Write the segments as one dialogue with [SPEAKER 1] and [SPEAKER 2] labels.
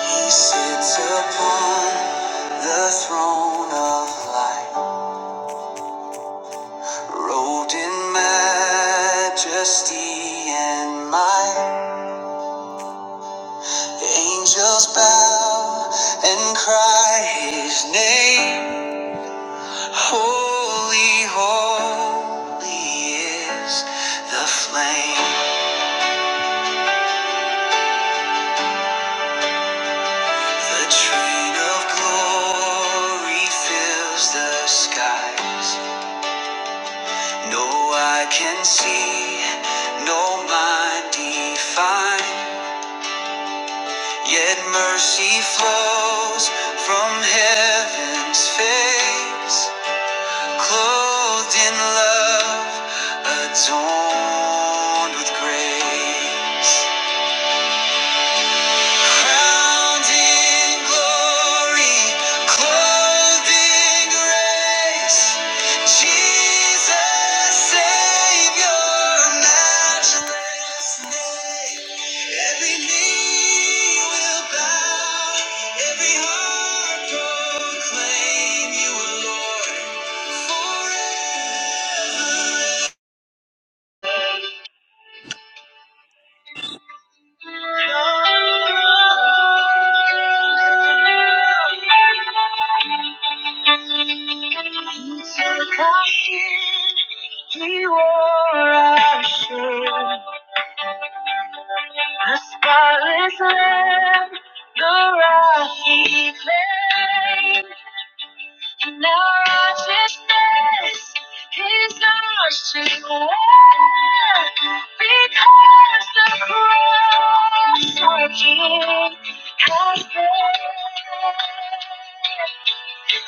[SPEAKER 1] He sits upon the throne of light, robed in majesty and might. Angels bow and cry his name. Holy, holy is the flame. The train of glory fills the skies. No eye can see, no mind define, yet mercy flows from heaven's face, clothed in love, adorned with grace. Crowned in glory, clothed in grace, Jesus, Savior, matchless name. Every knee will bow, every heart proclaim You are Lord forever. He took our sin, he wore our shame. The spotless lamb, the rock he claimed. And our righteousness is our strength. Because the cross our King has paid.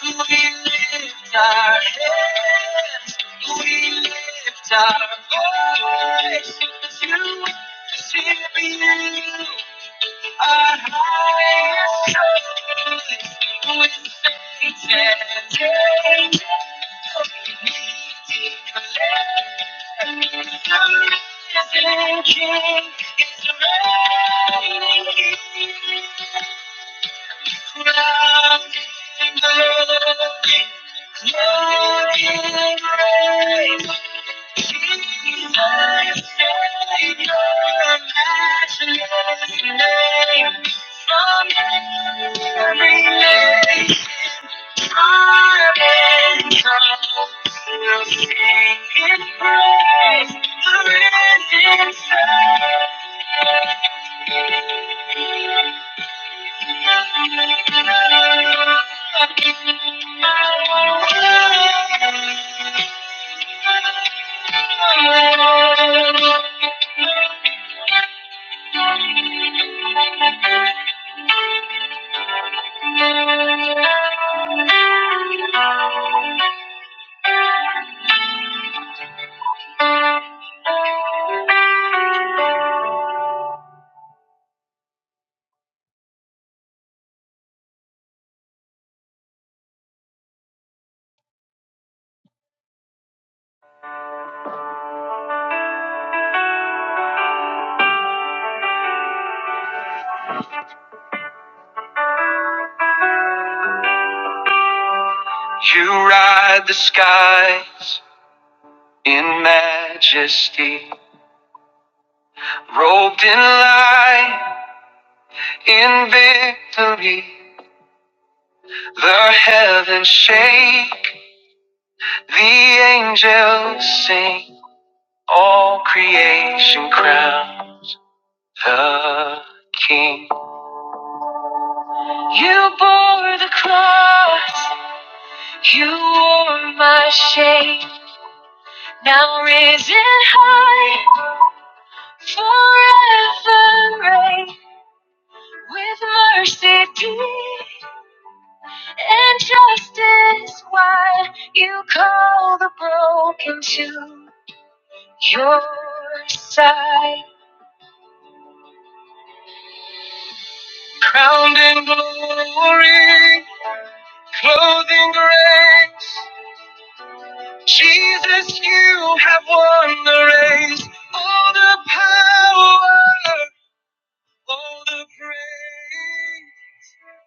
[SPEAKER 1] We lift our hands, we lift our voice to worship you. Thank you. Thank you. You ride the skies in majesty, robed in light, in victory. The heavens shake The angels sing, all creation crown the King. You bore the cross, you wore my shame. Now risen high, forever reign. With mercy deep and justice wide, you call the broken to your side. crowned in glory, clothed in grace. Jesus, you have won the race. All the power, all the praise.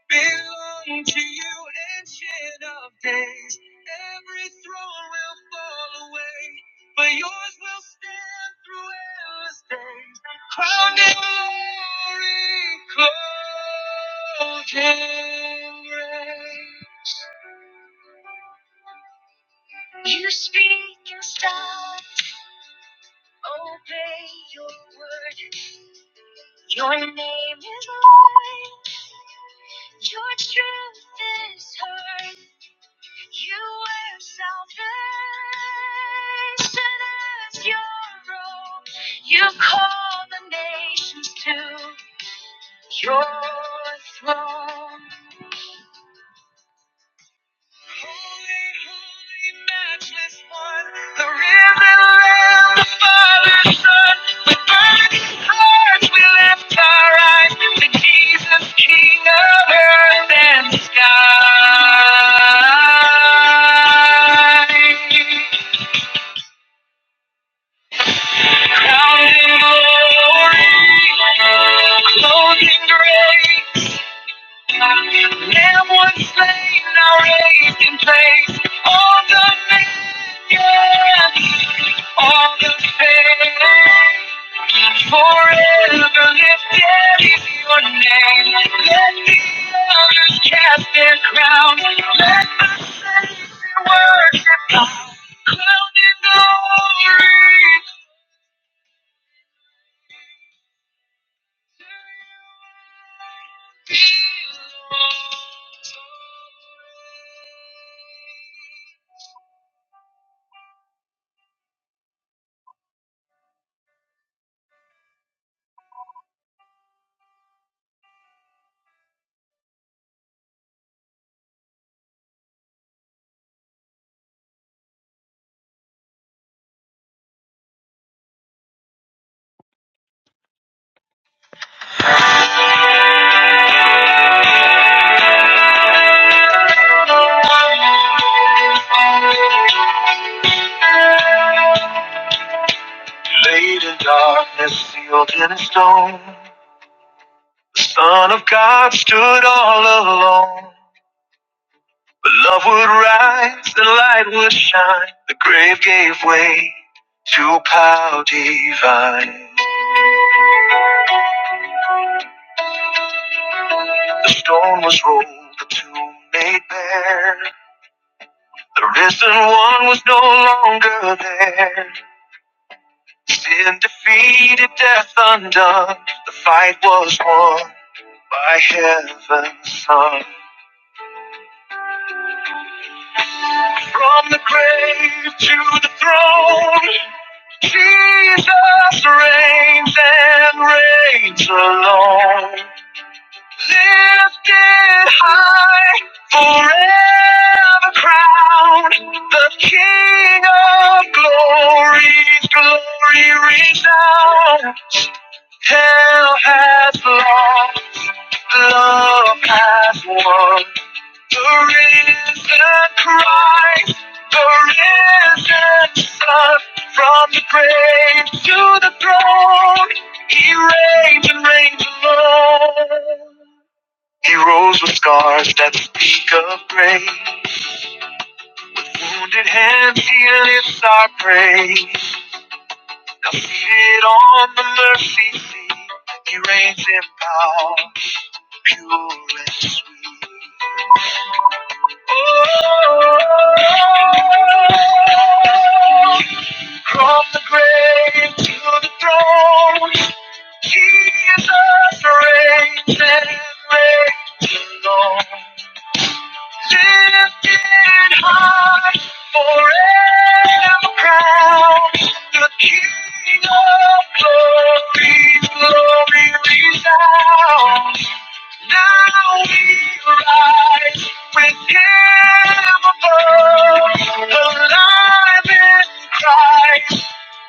[SPEAKER 1] belong to you, ancient of days. Every throne will fall away, but yours will stand through endless days. Crowned in glory, clothed in grace. You speak and stop. Obey your word. Your name is mine. Your truth is heard. You are salvation as your own. You call the nations to your throne. Holy, holy, matchless one, the risen Lamb, the Father's Son, with burning hearts we lift our eyes to Jesus, King of earth and sky. Crowned in glory, clothed in grace, Lamb was slain, now raised in place, all dominion All the pain forever lifted is your name. Let the others cast their crowns. Let the saints worship God. Crowned in glory. to you Belongs. all praise. Laid in darkness, sealed in a stone, the Son of God stood all alone. But love would rise, the light would shine, the grave gave way to power divine. The stone was rolled, the tomb made bare. The risen one was no longer there. Sin defeated, death undone. The fight was won by heaven's son. From the grave to the throne, Jesus reigns and reigns alone. Lifted high, forever crowned, the King of glory's glory resound. Hell has lost, love has won. The risen Christ, the risen Son, from the grave to the throne, He reigns and reigns alone. He rose with scars that speak of grace, wounded hands He lifts our praise. Now seated on the mercy seat, He reigns in power, pure and sweet. From the grave to the throne, He Jesus reigns and reigns alone. Lifted high, forever crowned, the King of glory, glory resounds. Now we rise with him above, alive in Christ,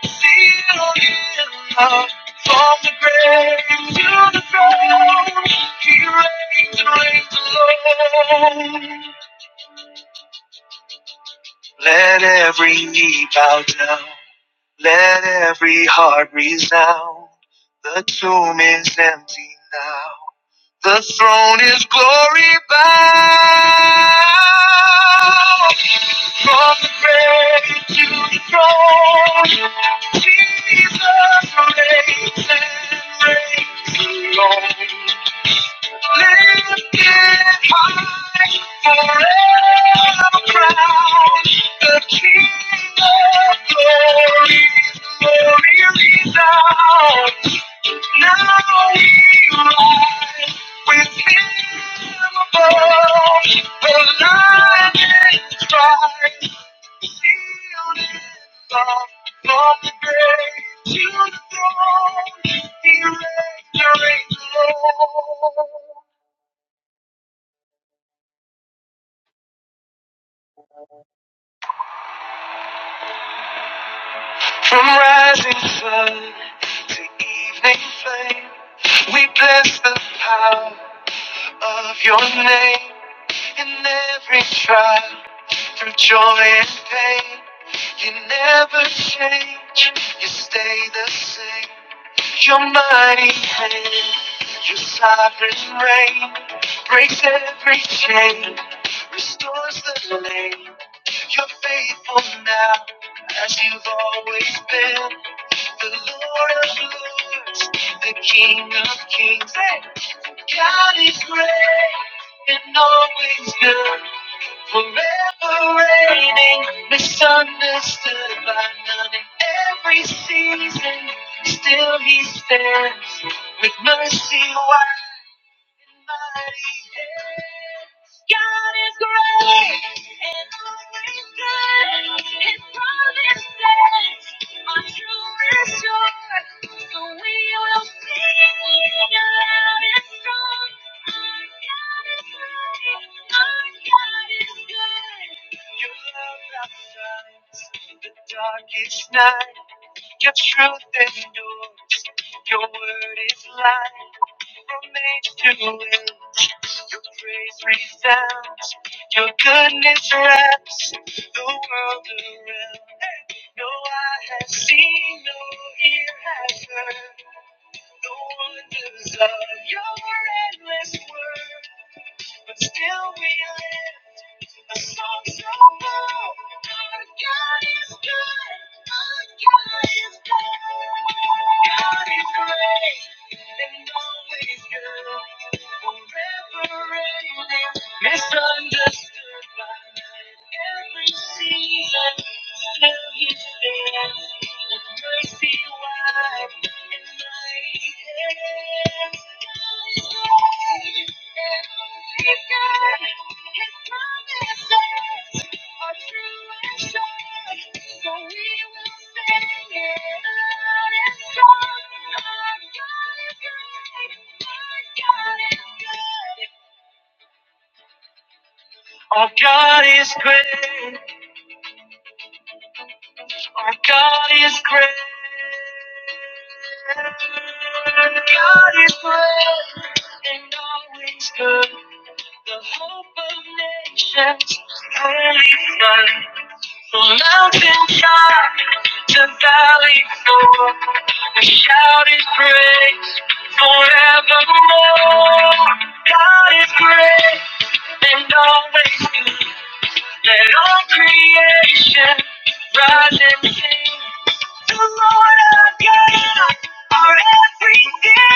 [SPEAKER 1] sealed in love. From the grave to the throne, he reigns and reigns alone. Let every knee bow down, let every heart resound. The tomb is empty now. The throne is glory bound from the grave to the throne. Jesus reigns and reigns alone. To The throne. He reigns you. From rising sun to evening flame, we bless the power of your name. In every trial, through joy and pain, you never change, you stay the same. Your mighty hand, your sovereign reign, breaks every chain, restores the lane. You're faithful now, as you've always been. The Lord of Lords, the King of Kings. Hey, God is great and always good. Forever reigning, misunderstood by none in every season. Still he stands with mercy wide. God is great and always good. His promise stands. My truth is sure. So we will sing loud and strong. Our God is great. Our God is good. Your love outshines the darkest night. Your truth endures. Your word is light made to live. Your praise resounds, your goodness wraps the world around. No eye has seen, no ear has heard the wonders of your endless word. But still we live Misunderstood by. Every season, still He stands. with mercy wide and mighty hands. His God, his promises are true and sure, so we will sing it loud and strong. Our God is good, our God is good. Our God is great. Our God is great. God is great and always good. The hope of nations, holy sun. From mountain top to valley floor, we shout His praise forevermore. God is great and always good. Let all creation rise and sing the Lord our God, our everything.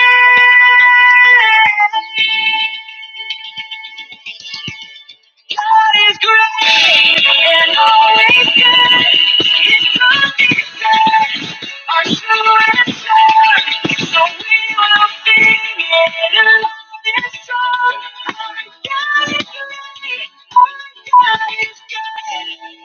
[SPEAKER 1] God is great and always good. His promises are true and sure, So we will sing it a last song. Our God is great. Our God is good.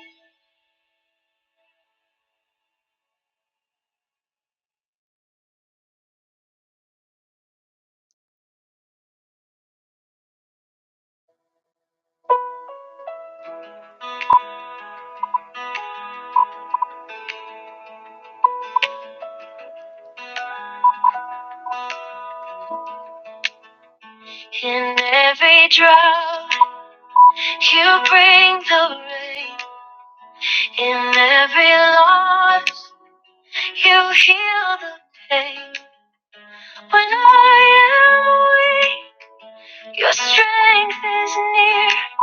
[SPEAKER 1] In every drought, you bring the rain. In every loss. You heal the pain when I am weak. Your strength is near.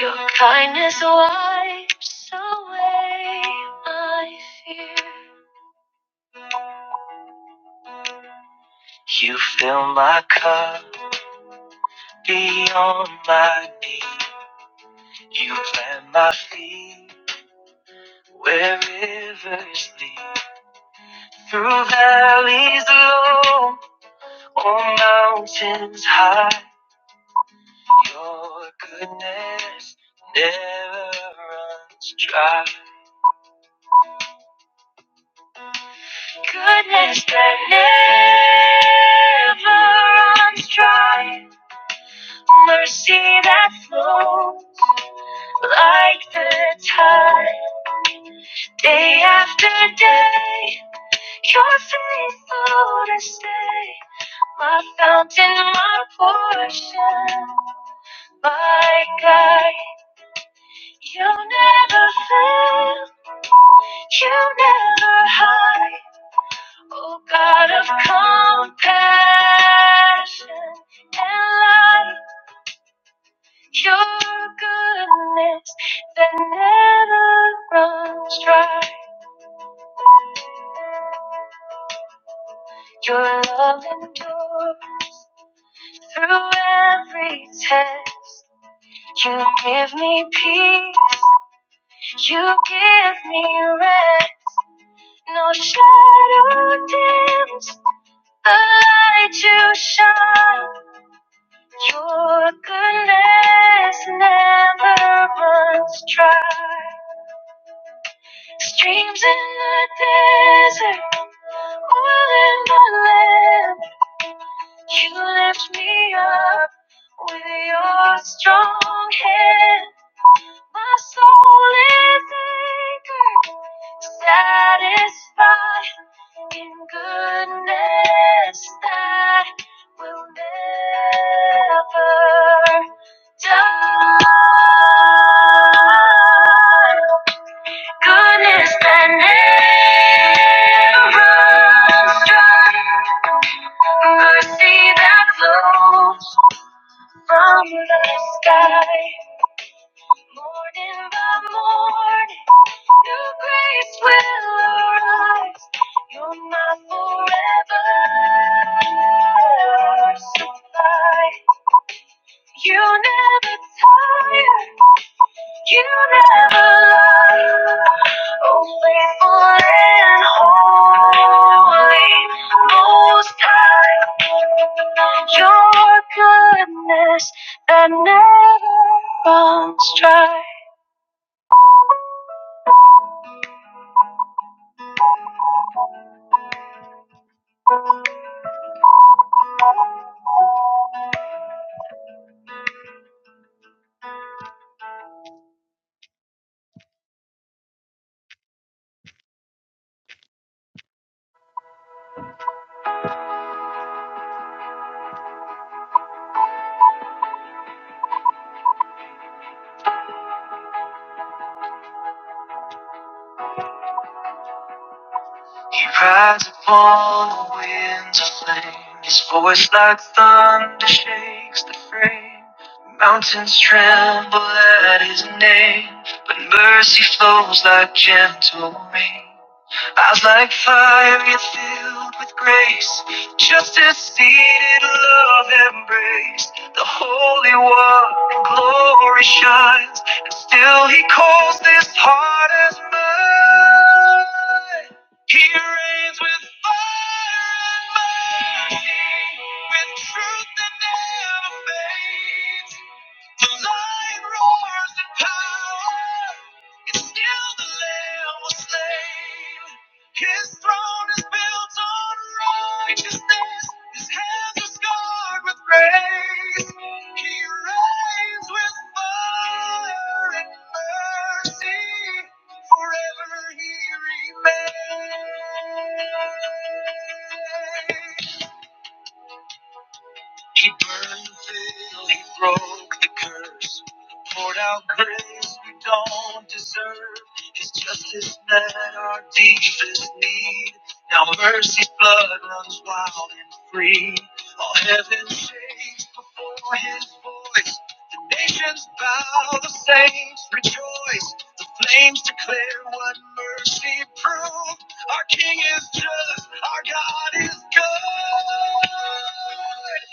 [SPEAKER 1] Your kindness wipes away my fear. You fill my cup beyond my need. You plant my feet where rivers lead. Through valleys low or mountains high. Your goodness never runs dry. Goodness that never runs dry. Mercy that flows like the tide. Day after day, you're faithful to stay. My fountain, my portion, my guide. You never fail. You never hide, oh God of compassion and light. Your goodness that never runs dry. Your love endures through every test. You give me peace. You give me rest. No shadow dims the light you shine. Your goodness never runs dry. Streams in the desert, oil in the lamp. You lift me up with your strong hand. My soul is anchored, satisfied in goodness that will never die. Goodness that never runs dry. Mercy that flows from the sky, morning by morning. Your grace will arise. You're my forever supply. You never tire. You never lie. Oh, faithful and holy, most high. Your goodness that never runs dry. He rides upon the winds of flame. His voice like thunder shakes the frame. Mountains tremble at his name, but mercy flows like gentle rain. Eyes like fire, yet filled with grace. Justice seated, love embraced. The Holy One in glory shines, and still He calls this heart as mine. He reigns with fire and mercy, with truth that never fades. The lion roars in power. It's still the lamb was slain. His throne is built on righteousness. His hands are scarred with grace. He reigns with fire and mercy. Forever he remains. He burned the veil, he broke the curse, poured out grace we don't deserve. His justice met our deepest need. Now mercy's blood runs wild and free. All heaven shakes before his voice. The nations bow, the saints rejoice. The flames declare what mercy proves. Our King is just. Our God is good.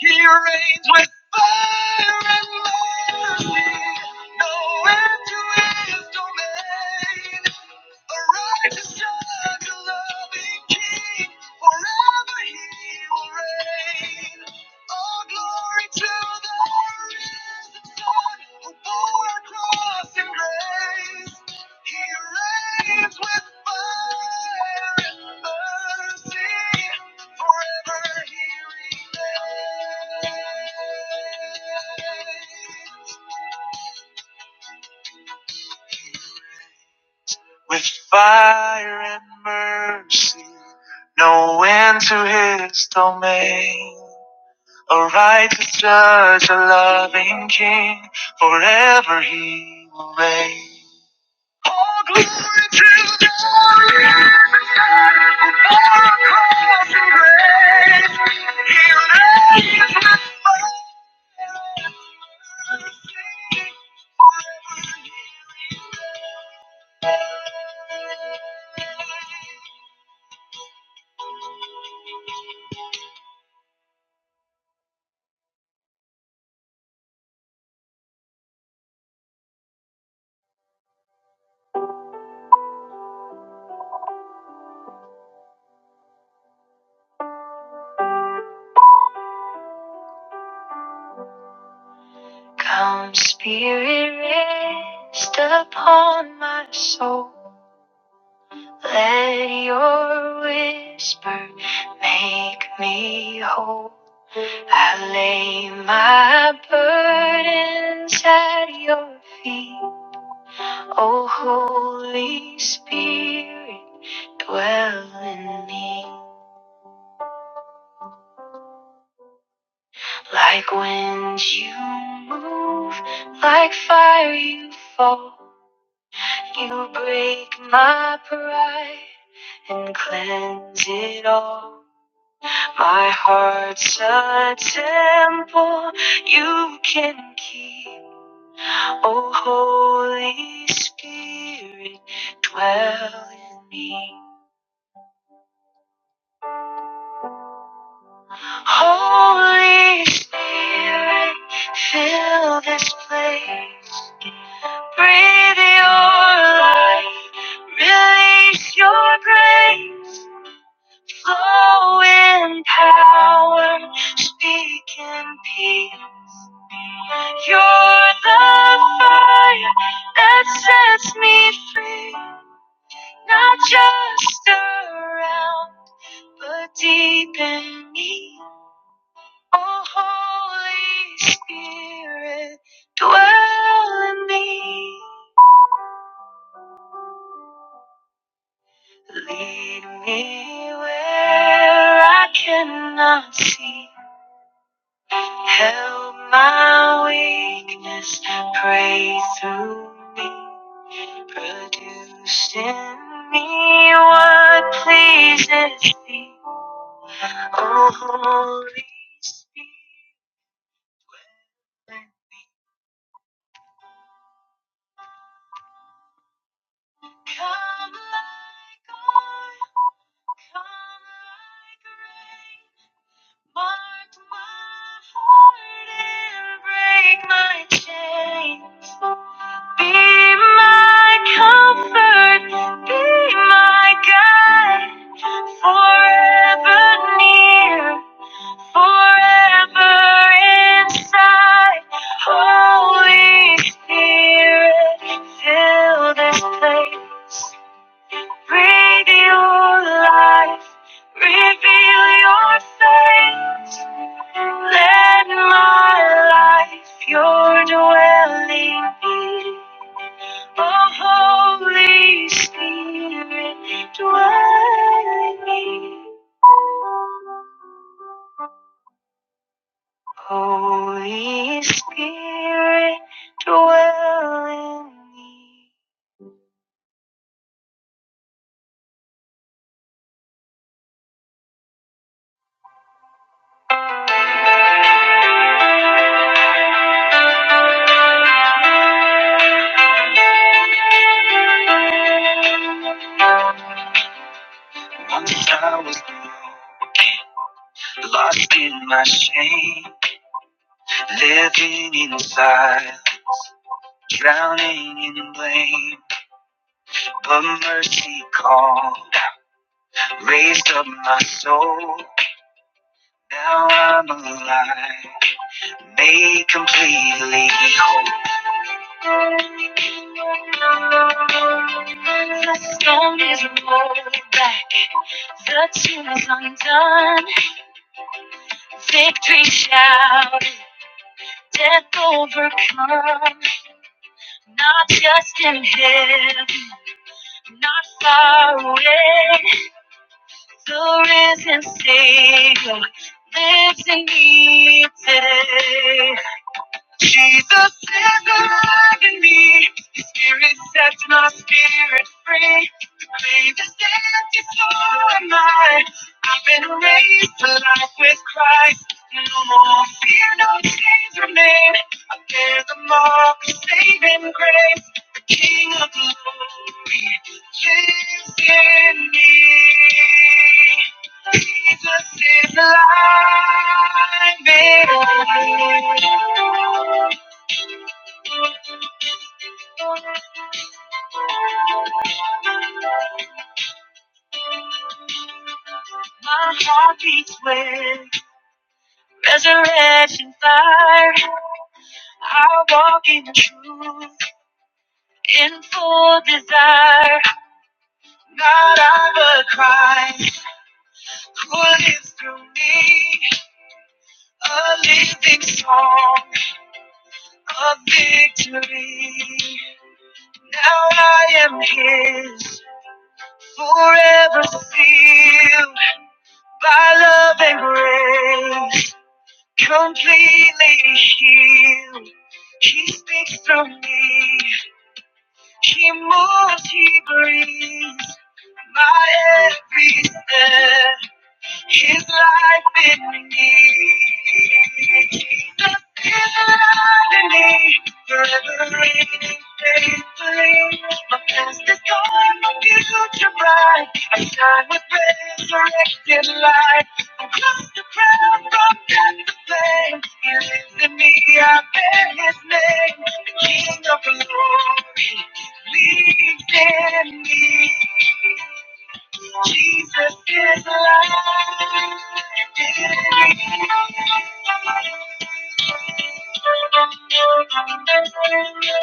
[SPEAKER 1] He reigns with fire and mercy. No end to his domain. A righteous judge, a loving king, forever he will reign. All glory to the risen Son, who bore our cross in grace. He reigns with fire and mercy, forever he remains. with fire and mercy, no end to his domain. A righteous judge, a loving king, forever he will reign. All glory to the Lord, who bore a cross and grace. He reigns with fire and mercy, forever he reigns. Come, Spirit, rest upon my soul. Let your whisper make me whole. I lay my burdens at your feet. O Holy Spirit, dwell in me. Like wind you move, like fire you fall. You break my pride. and cleanse it all. My heart's a temple you can keep. Oh, Holy Spirit, dwell in me. Holy Spirit, fill this place. Breathe your life, release your grace. Flow in power, speak in peace. You're the fire that sets me free, not just around, but deep in me. Oh, Holy Spirit, dwell in me. Lead me where I cannot see. Help my weakness, pray through me, produce in me what pleases thee. O Holy Spirit, let me come like oil, come like rain. Mark my heart and break my chains. Be my comfort, be my guide. Forever near, forever inside. Holy Spirit, fill this place. Reveal life, reveal your face. Let my life your dwelling be. Oh, Holy Spirit, dwell in me. Holy Spirit, dwell in me. Once I was deep but mercy called. Got now I'm alive, made completely whole. The stone is rolled back, the tomb is undone. Victory shouted, death overcome, not just in heaven, not far away. The risen Savior lives in me today. Jesus is alive in me. His spirit sets my spirit free. Claim the empty soul of mine. I've been raised to life with Christ. No more fear, no chains remain. I bear the mark of saving grace. The King of glory lives in me. Jesus is alive in me. My heart beats with resurrection fire. I walk in truth, in full desire. Not I, but Christ, who lives through me. A living song of victory. Now I am His, forever sealed by love and grace, completely healed. He speaks through me. He moves, he breathes my every step. His life in me. The me, forever raining faithfully. My past is gone, my future bright. I shine with resurrected light. I'm close to prayer, from death to flame. He lives in me, I bear his name. The King of glory lives in me. Jesus is alive. in me.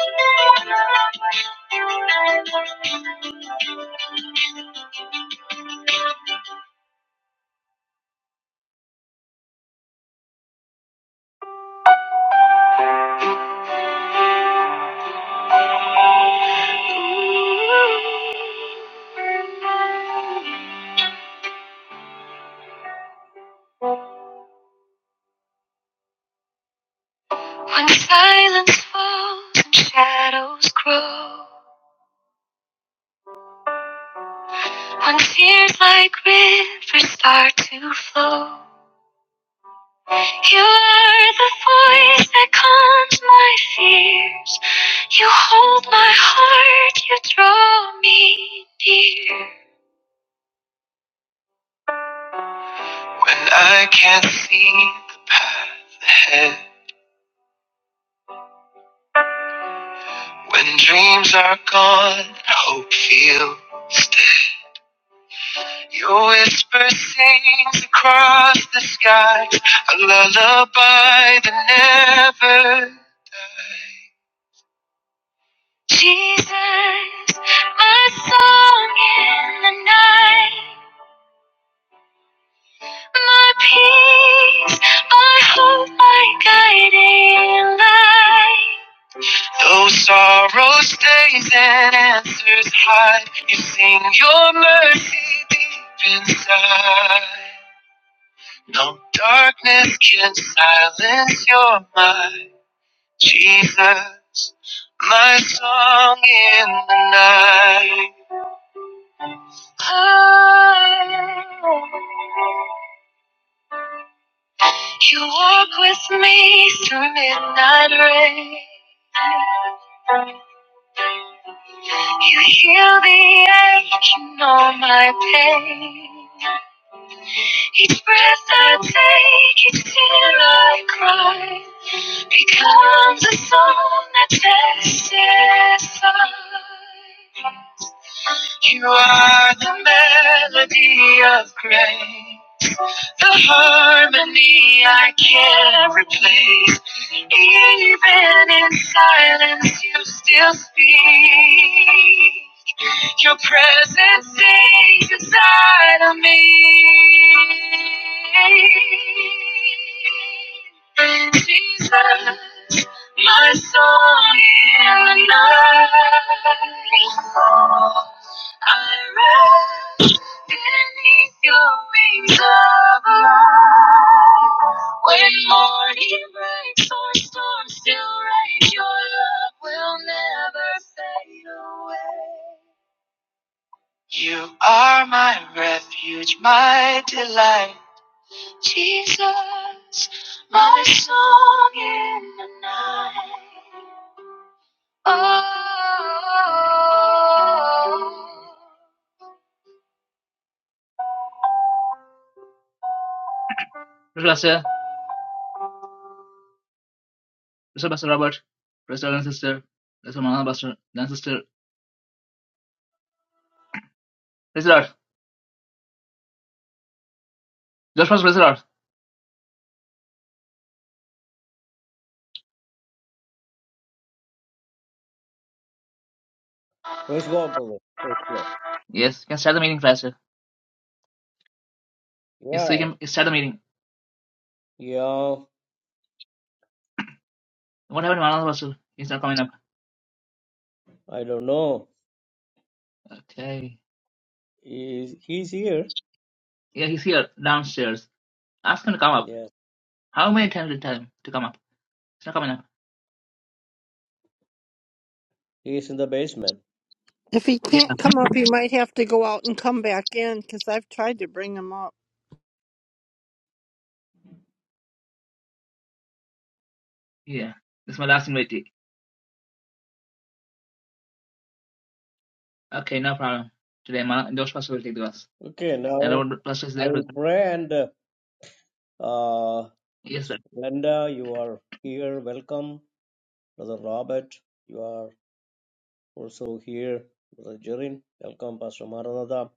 [SPEAKER 1] When silence falls and shadows grow, when tears like rivers start to flow. You are the voice that calms my fears. You hold my heart, you draw me near. When I can't see the path ahead, when dreams are gone, hope feels. dead. Your whisper sings across the sky, a lullaby that never dies. Jesus, my song in the night, my peace, my hope, my guiding light. Though sorrow stays and answers hide, you sing your mercy deep inside. No darkness can silence your mind, Jesus, my song in the night. You walk with me through midnight rain. You heal the ache, you know my pain. Each breath I take, each tear I cry, becomes a song that testifies. You are the melody of grace. The harmony I can't replace. Even in silence, you still speak. Your presence stays inside of me. Jesus, my song in the night. I rest beneath your wings of light. When morning breaks or storms still rage, your love will never fade away. You are my refuge, my delight. Jesus, my song in the night. Oh. Praise Lord, sir. Praise the Lord, Pastor Robert. Praise the Lord, sister. Praise the Lord, Pastor Dan, sister. Praise the Lord. Josh, praise the Lord.
[SPEAKER 2] Praise God, brother. Praise God.
[SPEAKER 1] Yes, you can start the meeting, Pastor. Yes, we
[SPEAKER 2] Yeah,
[SPEAKER 1] can start the meeting.
[SPEAKER 2] yeah.
[SPEAKER 1] What happened to Manana, Pastor? He's not coming up.
[SPEAKER 2] I don't know.
[SPEAKER 1] Okay.
[SPEAKER 2] He's, he's here.
[SPEAKER 1] Yeah, he's here, downstairs. Ask him to come up.
[SPEAKER 2] Yeah,
[SPEAKER 1] How many times did you tell him to come up? It's not coming up.
[SPEAKER 2] he's in the basement.
[SPEAKER 3] If he
[SPEAKER 1] Yeah,
[SPEAKER 3] can't come up, he might have to go out and come back in because I've tried to bring him up.
[SPEAKER 1] yeah. This is my last invitee. Okay, no problem. Today, my Josh Pastor will take the verse.
[SPEAKER 2] Okay,
[SPEAKER 1] And
[SPEAKER 2] now
[SPEAKER 1] Robert Pastor is
[SPEAKER 2] I
[SPEAKER 1] there
[SPEAKER 2] will
[SPEAKER 1] with me.
[SPEAKER 2] pray and uh, uh,
[SPEAKER 1] Yes, Pastor.
[SPEAKER 2] Linda, you are here. Welcome, brother Robert. You are also here, brother Jerin. Welcome, Pastor Maranatha,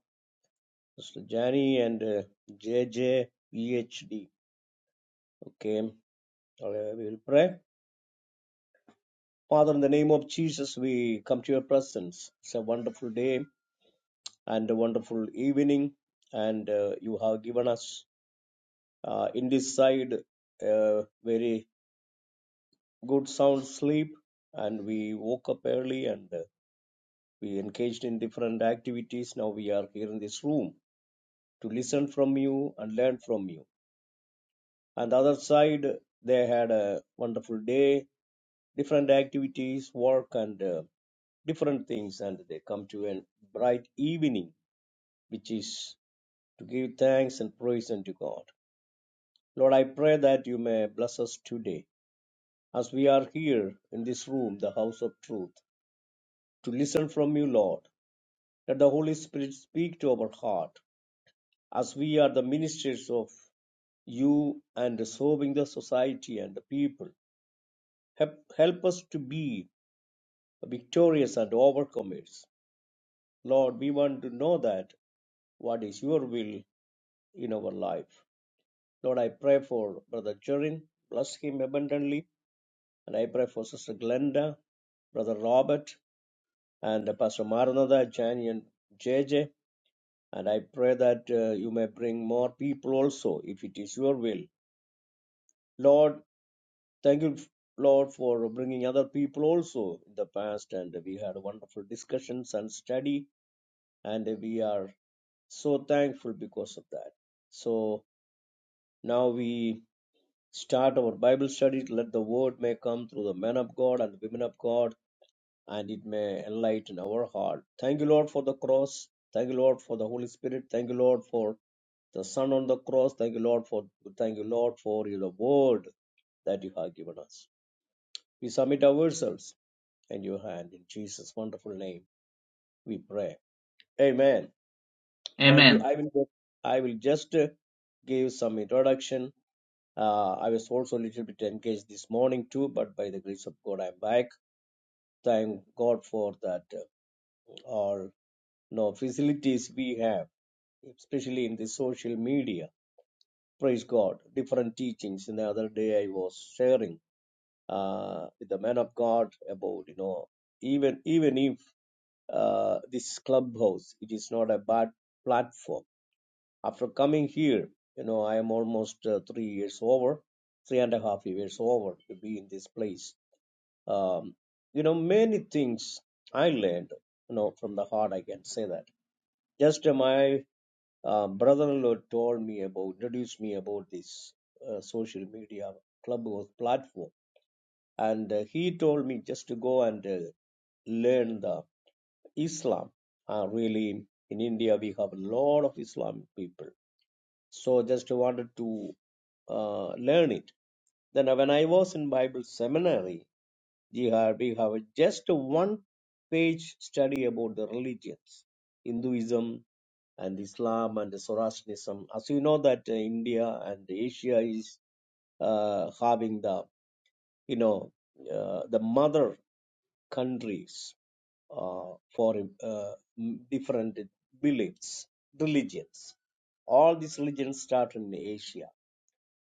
[SPEAKER 2] Pastor Jani, and uh, JJ PhD. Okay, all right, we will pray. Father, in the name of Jesus, we come to your presence. It's a wonderful day. and a wonderful evening. And uh, you have given us uh, in this side a very good sound sleep. And we woke up early and uh, we engaged in different activities. Now we are here in this room to listen from you and learn from you. And the other side, they had a wonderful day, different activities, work, and uh, different things. And they come to a bright evening, which is to give thanks and praise unto God. Lord, I pray that you may bless us today as we are here in this room, the house of truth, to listen from you, Lord. Let the Holy Spirit speak to our heart as we are the ministers of you and serving the society and the people. Help, help us to be victorious and overcomers. Lord, we want to know that what is your will in our life. Lord, I pray for Brother Jerin. Bless him abundantly And I pray for Sister Glenda, Brother Robert, and Pastor Maranatha, Jani, and J J. And I pray that uh, you may bring more people also, if it is your will. Lord, thank you, Lord, for bringing other people also in the past. And we had wonderful discussions and study, and we are so thankful because of that. So now we start our Bible study. Let the word may come through the men of God and the women of God and it may enlighten our heart. Thank you, Lord, for the cross. Thank you, Lord, for the Holy Spirit. Thank you, Lord, for the Son on the cross. Thank you, Lord, for thank you, Lord, for the word that you have given us. We submit ourselves in your hand in Jesus' wonderful name. We pray. Amen. Thank you.
[SPEAKER 1] Amen.
[SPEAKER 2] I will I will just uh, give some introduction. Uh, I was also a little bit engaged this morning too, but by the grace of God, I'm back. Thank God for that. uh, All no facilities we have especially in the social media. Praise God. Different teachings. And the other day I was sharing uh, with the man of God about, you know, even even if uh, this clubhouse, it is not a bad platform. After coming here, you know, I am almost uh, three years over, three and a half years over to be in this place. Um, you know, many things I learned, you know, from the heart. I can say that. Just am I? Uh, brother-in-law told me about, introduced me about this uh, social media clubhouse platform, and uh, he told me just to go and uh, learn the Islam. Uh, really, in India we have a lot of Islam people, so just wanted to uh, learn it. Then when I was in Bible seminary, we have we have just one page study about the religions, Hinduism, and Islam and Zoroastrianism. As you know that uh, India and Asia is uh, having the you know uh, the mother countries uh, for uh, different beliefs, religions. All these religions start in Asia.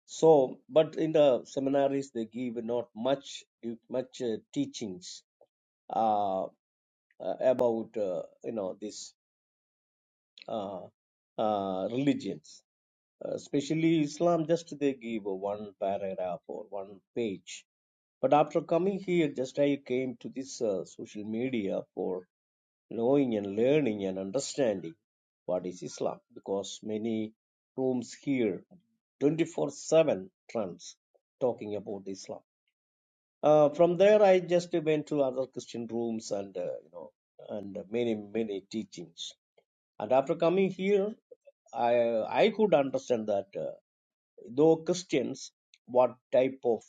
[SPEAKER 2] So, but in the seminaries they give not much much uh, teachings uh, uh, about uh, you know this uh, uh, religions Uh, especially Islam, just they give one paragraph or one page. But after coming here, just I came to this uh, social media for knowing and learning and understanding what is Islam because many rooms here 24/7 trends talking about Islam. Uh, from there, I just went to other Christian rooms and uh, you know and many many teachings. And after coming here, I I could understand that. uh, though Christians, what type of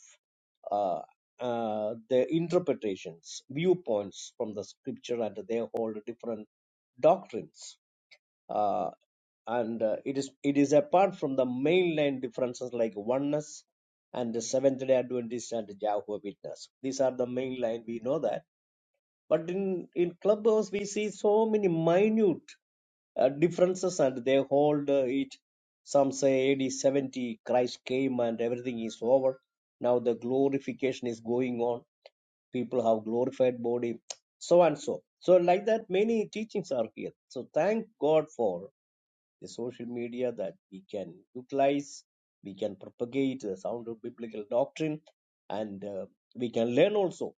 [SPEAKER 2] uh, uh, their interpretations, viewpoints from the scripture, and they hold different doctrines. Uh, and uh, it is it is apart from the mainline differences like oneness and the Seventh Day Adventists and Jehovah Witness. These are the mainline. We know that, but in in clubhouse we see so many minute uh, differences and they hold uh, it. Some say AD 70, Christ came and everything is over. Now the glorification is going on. People have glorified body, so and so. So like that, many teachings are here. So thank God for the social media that we can utilize, we can propagate the sound of biblical doctrine, and uh, we can learn also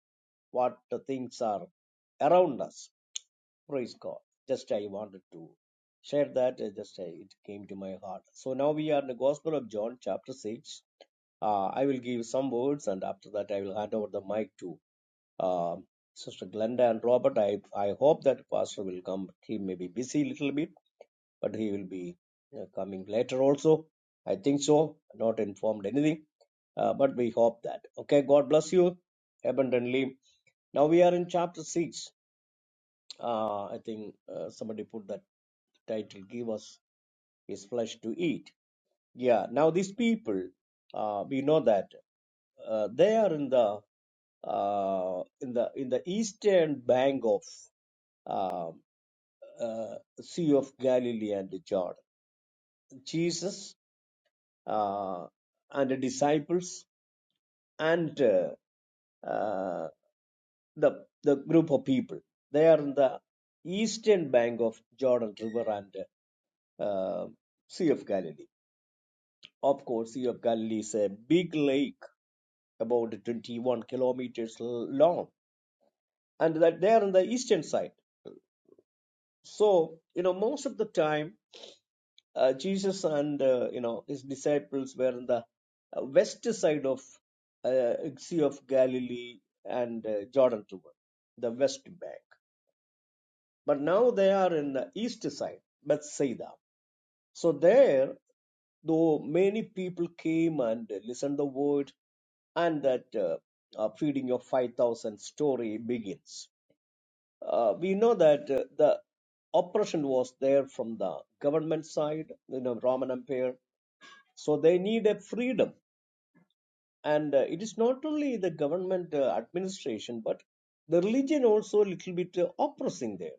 [SPEAKER 2] what the things are around us. Praise God. Just I wanted to share that. uh, Just I, it came to my heart. So now we are in the Gospel of John, chapter 6. Uh, I will give some words and after that I will hand over the mic to uh, Sister Glenda and Robert. I, I hope that Pastor will come. He may be busy a little bit, but he will be uh, coming later also. I think so. Not informed anything, uh, but we hope that. Okay, God bless you abundantly. Now we are in chapter 6 uh, I think uh, somebody put that title, Give Us His Flesh to Eat. Yeah, now these people, uh, we know that uh, they are in the uh, in the in the eastern bank of uh, uh, Sea of Galilee and Jordan. Jesus uh, and the disciples and uh, uh, the the group of people they are in the eastern bank of Jordan River and uh, Sea of Galilee Of course, Sea of Galilee is a big lake about 21 kilometers long, and that they are on the eastern side. So, you know, most of the time, uh, Jesus and uh, you know his disciples were on the uh, west side of uh, Sea of Galilee and uh, Jordan River, the west bank. But now they are in the east side, Bethsaida. So there, though many people came and listened the word, and that uh, uh, feeding of 5,000 story begins. Uh, we know that uh, the oppression was there from the government side, you know, Roman Empire. So they need a freedom and uh, it is not only the government uh, administration but the religion also a little bit uh, oppressing there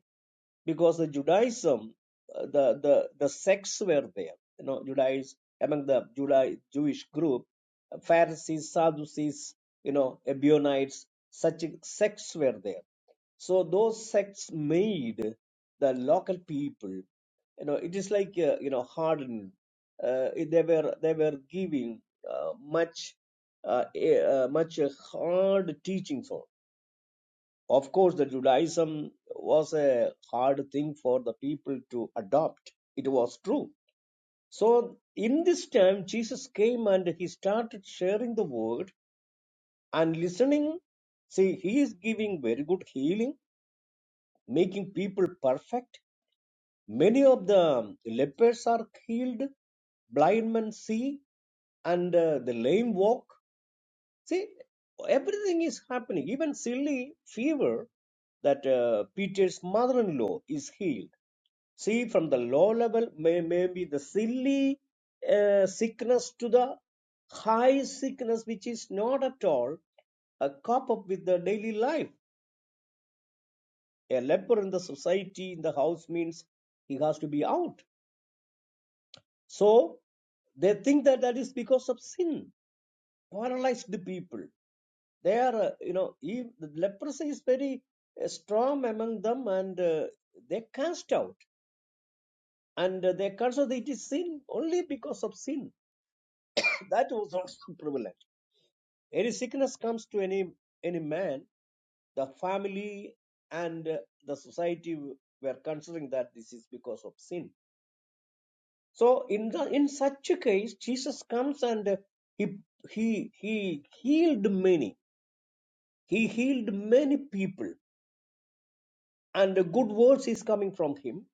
[SPEAKER 2] because the Judaism, uh, the the the sects were there. You know, Judaiz among the Judai Jewish group, uh, Pharisees, Sadducees, you know, Ebionites, such sects were there. So those sects made the local people you know it is like uh, you know hardened uh, they were they were giving uh, much uh, a- uh, much uh, hard teaching for of course the judaism was a hard thing for the people to adopt it was true so in this time jesus came and he started sharing the word and listening see he is giving very good healing making people perfect Many of the lepers are healed, blind men see, and uh, the lame walk. See, everything is happening. Even silly fever that uh, Peter's mother-in-law is healed. See, from the low level, may maybe the silly uh, sickness to the high sickness, which is not at all a cop up with the daily life. A leper in the society, in the house means he has to be out So they think that that is because of sin, paralyzed people. They are, uh, you know, ev the leprosy is very uh, strong among them and uh, they cast out. And uh, they curse out it is sin only because of sin. So, That was also prevalent. Any sickness comes to any any man, the family and uh, the society were considering that this is because of sin So in the in such a case, Jesus comes and uh, he he he healed many. He healed many people, and the good words is coming from him.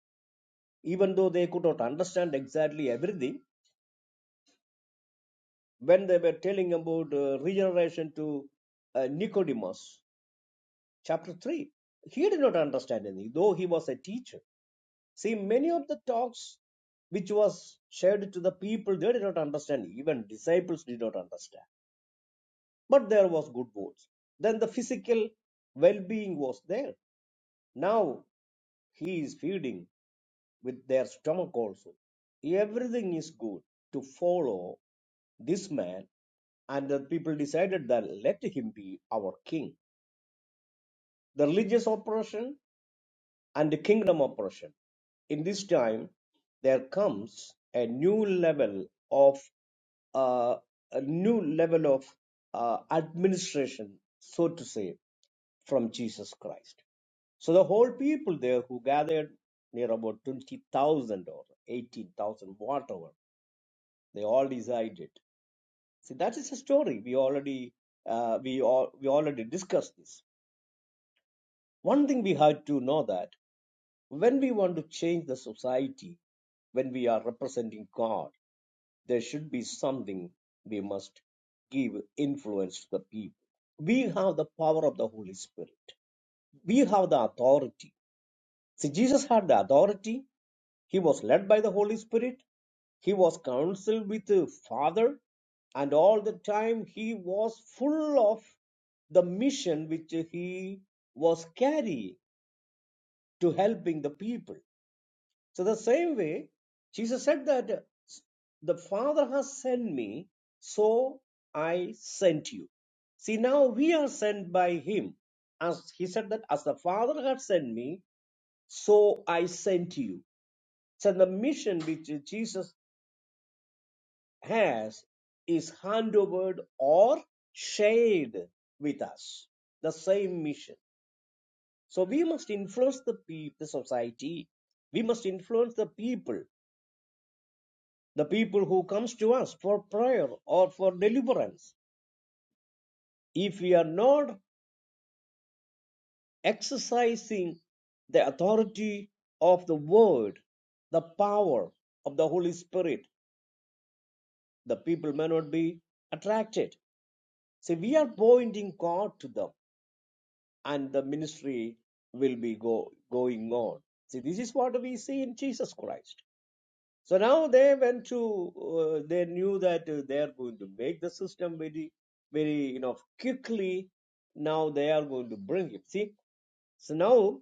[SPEAKER 2] Even though they could not understand exactly everything, when they were telling about uh, regeneration to uh, Nicodemus, chapter three, he did not understand anything, though he was a teacher. See, many of the talks which was shared to the people, they did not understand. Even disciples did not understand but there was good words. Then the physical well-being was there. Now he is feeding with their stomach also. Everything is good to follow this man, and the people decided that let him be our king. The religious oppression and the kingdom oppression. In this time, there comes a new level of uh, a new level of uh, administration, so to say from Jesus Christ. So the whole people there who gathered near about 20,000 or 18,000, whatever, they all decided. See, that is a story. We already, uh, we, all, we already discussed this. One thing we had to know that when we want to change the society, when we are representing God, there should be something we must give influence to the people. We have the power of the Holy Spirit. We have the authority See, Jesus had the authority. He was led by the Holy Spirit. He was counseled with the Father. And all the time, he was full of the mission which he was carrying to helping the people. So, the same way, Jesus said that the Father has sent me, so I sent you. See, now we are sent by him. As he said that, as the Father had sent me, so I sent you. So the mission which Jesus has is handed or shared with us. The same mission. So we must influence the people, the society. We must influence the people, the people who comes to us for prayer or for deliverance. If we are not exercising the authority of the word, the power of the Holy Spirit, the people may not be attracted So we are pointing God to them, and the ministry will be go, going on. See, this is what we see in Jesus Christ. So now they went to, uh, they knew that uh, they are going to make the system very, very, you know, quickly. Now they are going to bring him. See, so now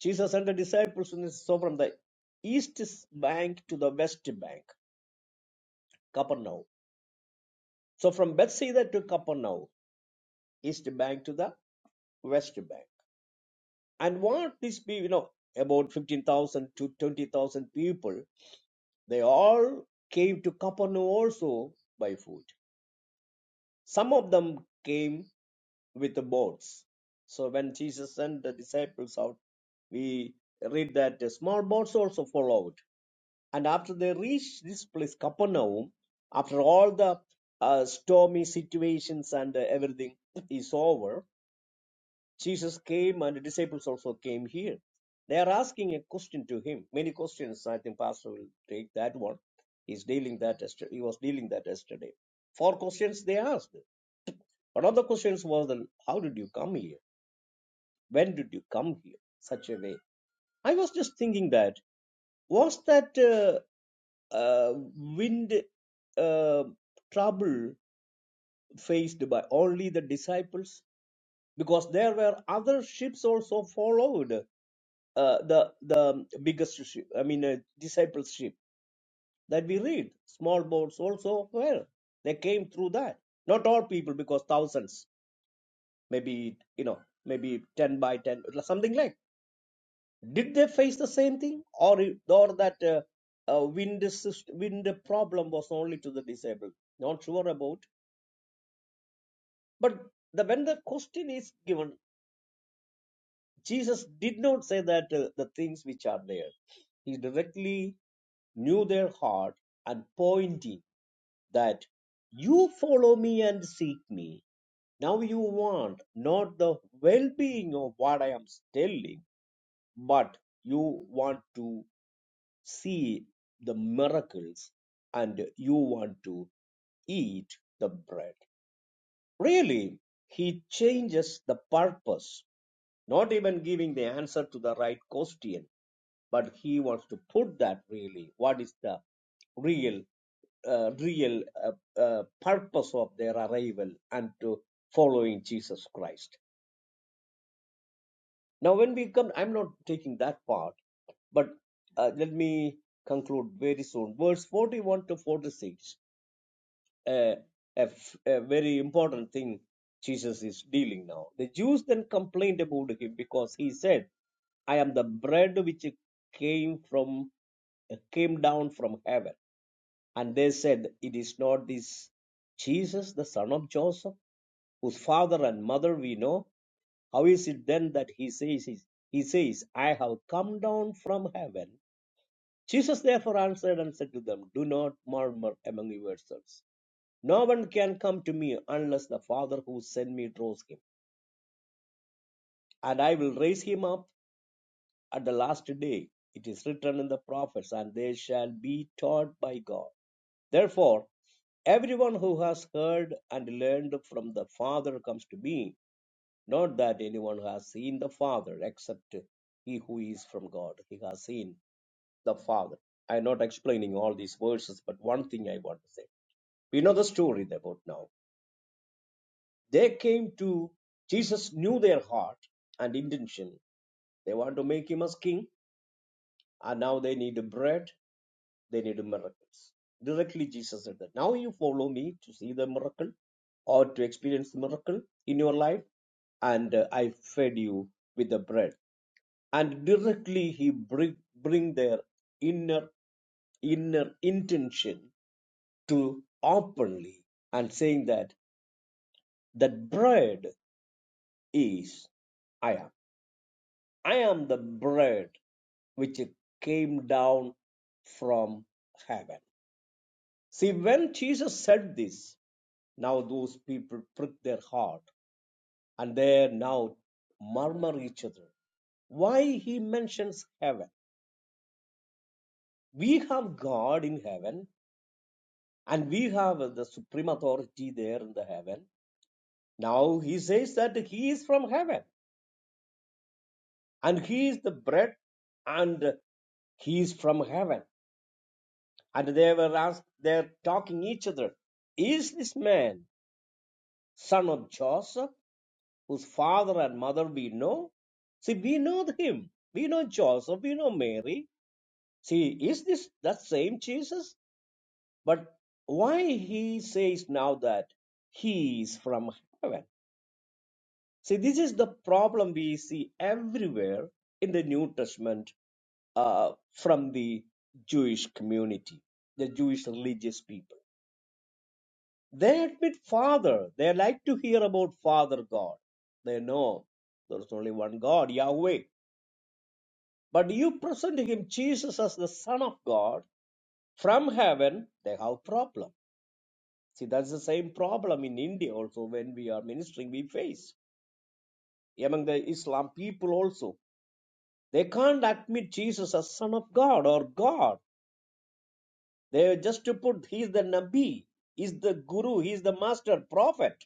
[SPEAKER 2] Jesus and the disciples so from the east bank to the west bank, Capernaum. So from Bethsaida to Capernaum, east bank to the west bank. And what these people, you know, about 15,000 to 20,000 people, they all came to Capernaum also by foot. Some of them came with the boats. So when Jesus sent the disciples out, we read that the small boats also followed. And after they reached this place, Capernaum, after all the uh, stormy situations and uh, everything is over, Jesus came and the disciples also came here. They are asking a question to him. Many questions. I think Pastor will take that one. He's dealing that. yester- He was dealing that yesterday. Four questions they asked. One of the questions was, the, "How did you come here? When did you come here?" Such a way. I was just thinking that was that uh, uh, wind uh, trouble faced by only the disciples because there were other ships also followed uh, the the biggest ship, I mean uh, discipleship that we read. Small boats also well they came through that. Not all people because thousands, maybe you know maybe ten by ten something like. Did they face the same thing or it- or that uh, uh, wind syst- wind problem was only to the disabled? Not sure about. But the, when the question is given, Jesus did not say that uh, the things which are there. He directly knew their heart and pointing that you follow me and seek me. Now you want not the well being of what I am telling, but you want to see the miracles and you want to eat the bread. Really, he changes the purpose, not even giving the answer to the right question. but he wants to put that really what is the real uh, real uh, uh, purpose of their arrival and to following Jesus Christ. Now, when we come, I'm not taking that part, but uh, let me conclude very soon. Verse 41 to 46. A a, a very important thing Jesus is dealing now. The Jews then complained about him because he said, I am the bread which came from came down from heaven. And they said, It is not this Jesus, the son of Joseph, whose father and mother we know. How is it then that he says, He says, I have come down from heaven? Jesus therefore answered and said to them, Do not murmur among yourselves. No one can come to me unless the Father who sent me draws him. And I will raise him up at the last day. It is written in the prophets, and they shall be taught by God. Therefore, everyone who has heard and learned from the Father comes to me. Not that anyone has seen the Father, except he who is from God. He has seen the Father. I am not explaining all these verses, but one thing I want to say. We know the story about now. They came to Jesus, knew their heart and intention. They want to make him as king, and now they need bread, they need miracles. Directly, Jesus said that. Now you follow me to see the miracle or to experience the miracle in your life, and uh, I fed you with the bread. And directly, he bring, bring their inner inner intention to openly and saying that that bread is I am. I am the bread which came down from heaven. See, when Jesus said this, now those people pricked their heart and they now murmur each other. Why he mentions heaven? We have God in heaven and we have the supreme authority there in the heaven. Now he says that he is from heaven and he is the bread and he is from heaven And they were asked, they're talking each other, is this man son of Joseph, whose father and mother we know? See, we know him. We know Joseph, we know Mary. See, is this that same Jesus? But why he says now that he is from heaven? See, this is the problem we see everywhere in the New Testament uh, from the Jewish community, the Jewish religious people They admit Father. They like to hear about Father God. They know there is only one God, Yahweh. But you present him Jesus as the Son of God from heaven, they have problem. See, that's the same problem in India also when we are ministering, we face among the Islam people also. They can't admit Jesus as Son of God or God. They just to put He is the Nabi, He is the Guru, He is the Master Prophet.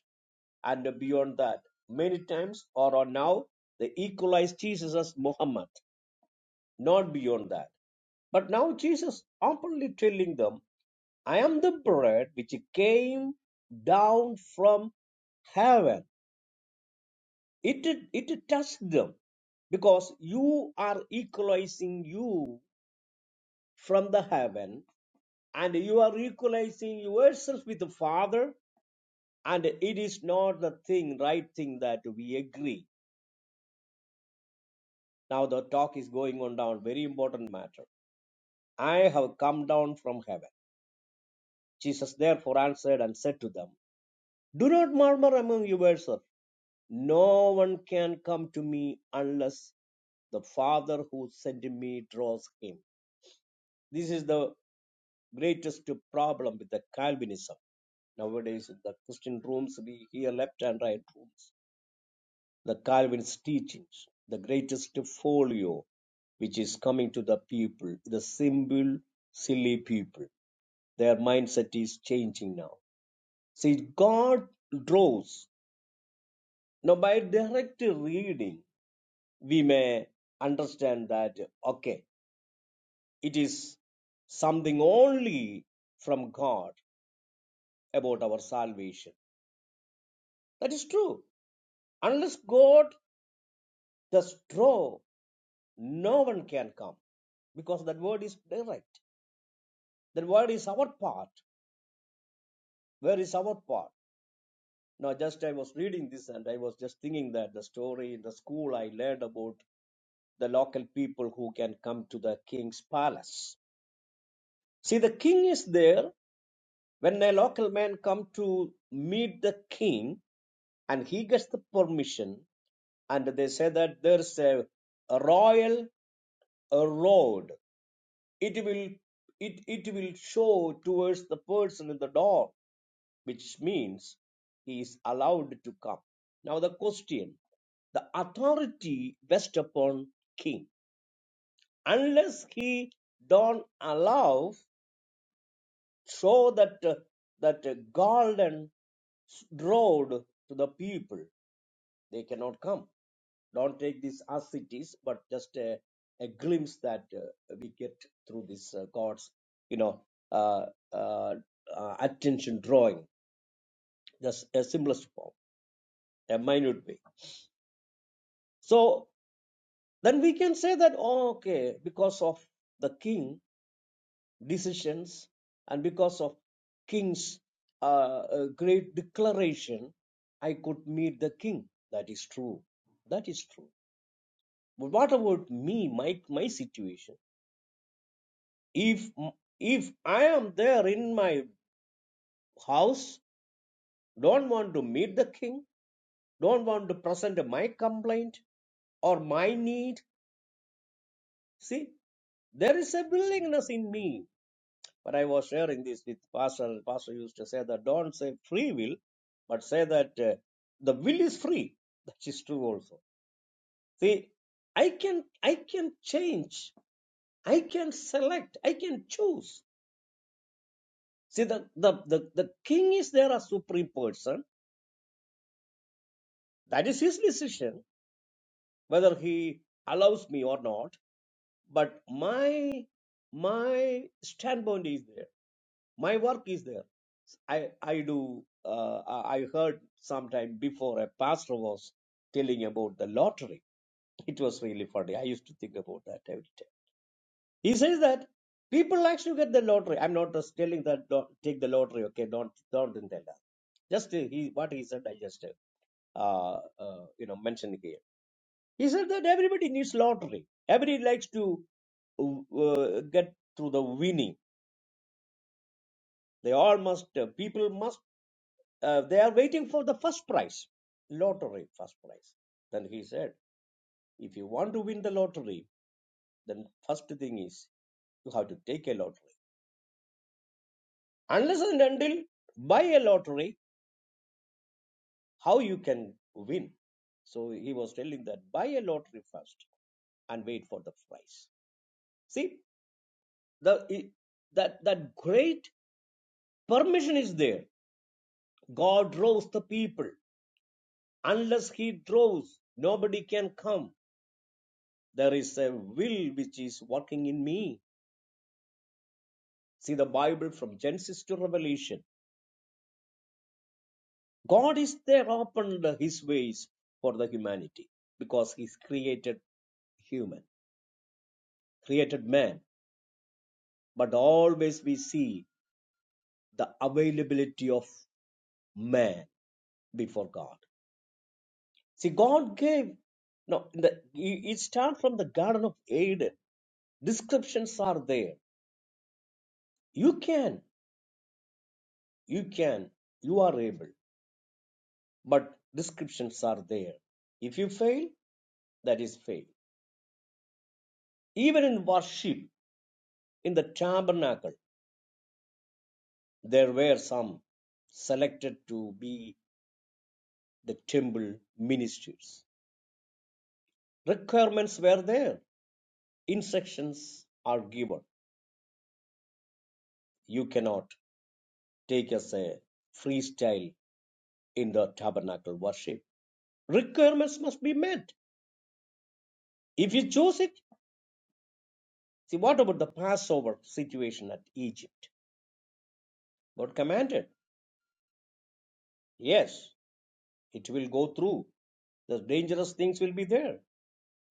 [SPEAKER 2] and beyond that. Many times, or, or now, they equalize Jesus as Muhammad, not beyond that. But now Jesus openly telling them, I am the bread which came down from heaven. It, it touched them because you are equalizing you from the heaven and you are equalizing yourself with the Father and it is not the thing, right thing that we agree Now the talk is going on down, very important matter. I have come down from heaven. Jesus therefore answered and said to them, Do not murmur among yourselves. No one can come to me unless the Father who sent me draws him. This is the greatest problem with the Calvinism. Nowadays, the Christian rooms, we hear left and right rooms. the Calvin's teachings, the greatest folio which is coming to the people, the simple, silly people. Their mindset is changing now. See, God draws. Now, by direct reading, we may understand that, okay, it is something only from God about our salvation. That is true. Unless God does draw, no one can come because that word is direct. Then where is our part? Where is our part? Now, just I was reading this and I was just thinking that the story in the school I learned about the local people who can come to the king's palace. See, the king is there. When a local man come to meet the king and he gets the permission, and they say that there's a, a royal a road. It will it it will show towards the person in the door which means he is allowed to come. Now the question, the authority rests upon king. Unless he don't allow, so that uh, that uh, golden road to the people, they cannot come. Don't take this as it is, but just a, a glimpse that uh, we get through this uh, God's, you know, uh, uh, uh, attention drawing, just a simplest form, a minute way. So then we can say that, oh, okay, because of the king decisions and because of king's uh, uh, great declaration, I could meet the king. That is true. That is true. But what about me, my my situation? If if I am there in my house, don't want to meet the king, don't want to present my complaint or my need. See, there is a willingness in me But I was sharing this with Pastor. Pastor used to say that don't say free will, but say that uh, the will is free. That is true also. See, I can I can change. I can select. I can choose. See, the the the, the king is there as supreme person. That is his decision whether he allows me or not. But my my standpoint is there My work is there. I I do. Uh, I heard sometime before a pastor was telling about the lottery. It was really funny. I used to think about that every time. He says that people likes to get the lottery. I'm not just telling that don't take the lottery. Okay, don't don't tell that. Just uh, he what he said. I just uh, uh, uh, you know mentioned here. He said that everybody needs lottery. Everybody likes to uh, get through the winning. They all must. Uh, people must uh, they are waiting for the first prize, lottery first prize. Then he said, if you want to win the lottery, then first thing is you have to take a lottery. Unless and until buy a lottery, how you can win? So he was telling that buy a lottery first and wait for the prize. See the that that great permission is there. God draws the people. Unless He draws, nobody can come. There is a will which is working in me See the Bible from Genesis to Revelation. God is there opened his ways for the humanity because he's created human, created man. But always we see the availability of man before God. See, God gave now. the you, you start from the Garden of Eden. Descriptions are there. You can, you can, you are able, but descriptions are there. If you fail, that is fail. Even in worship, In the tabernacle, there were some selected to be the temple ministers. Requirements were there, instructions are given. You cannot take as a freestyle in the tabernacle worship. Requirements must be met. If you choose it, see what about the Passover situation at Egypt? God commanded, yes, it will go through. The dangerous things will be there.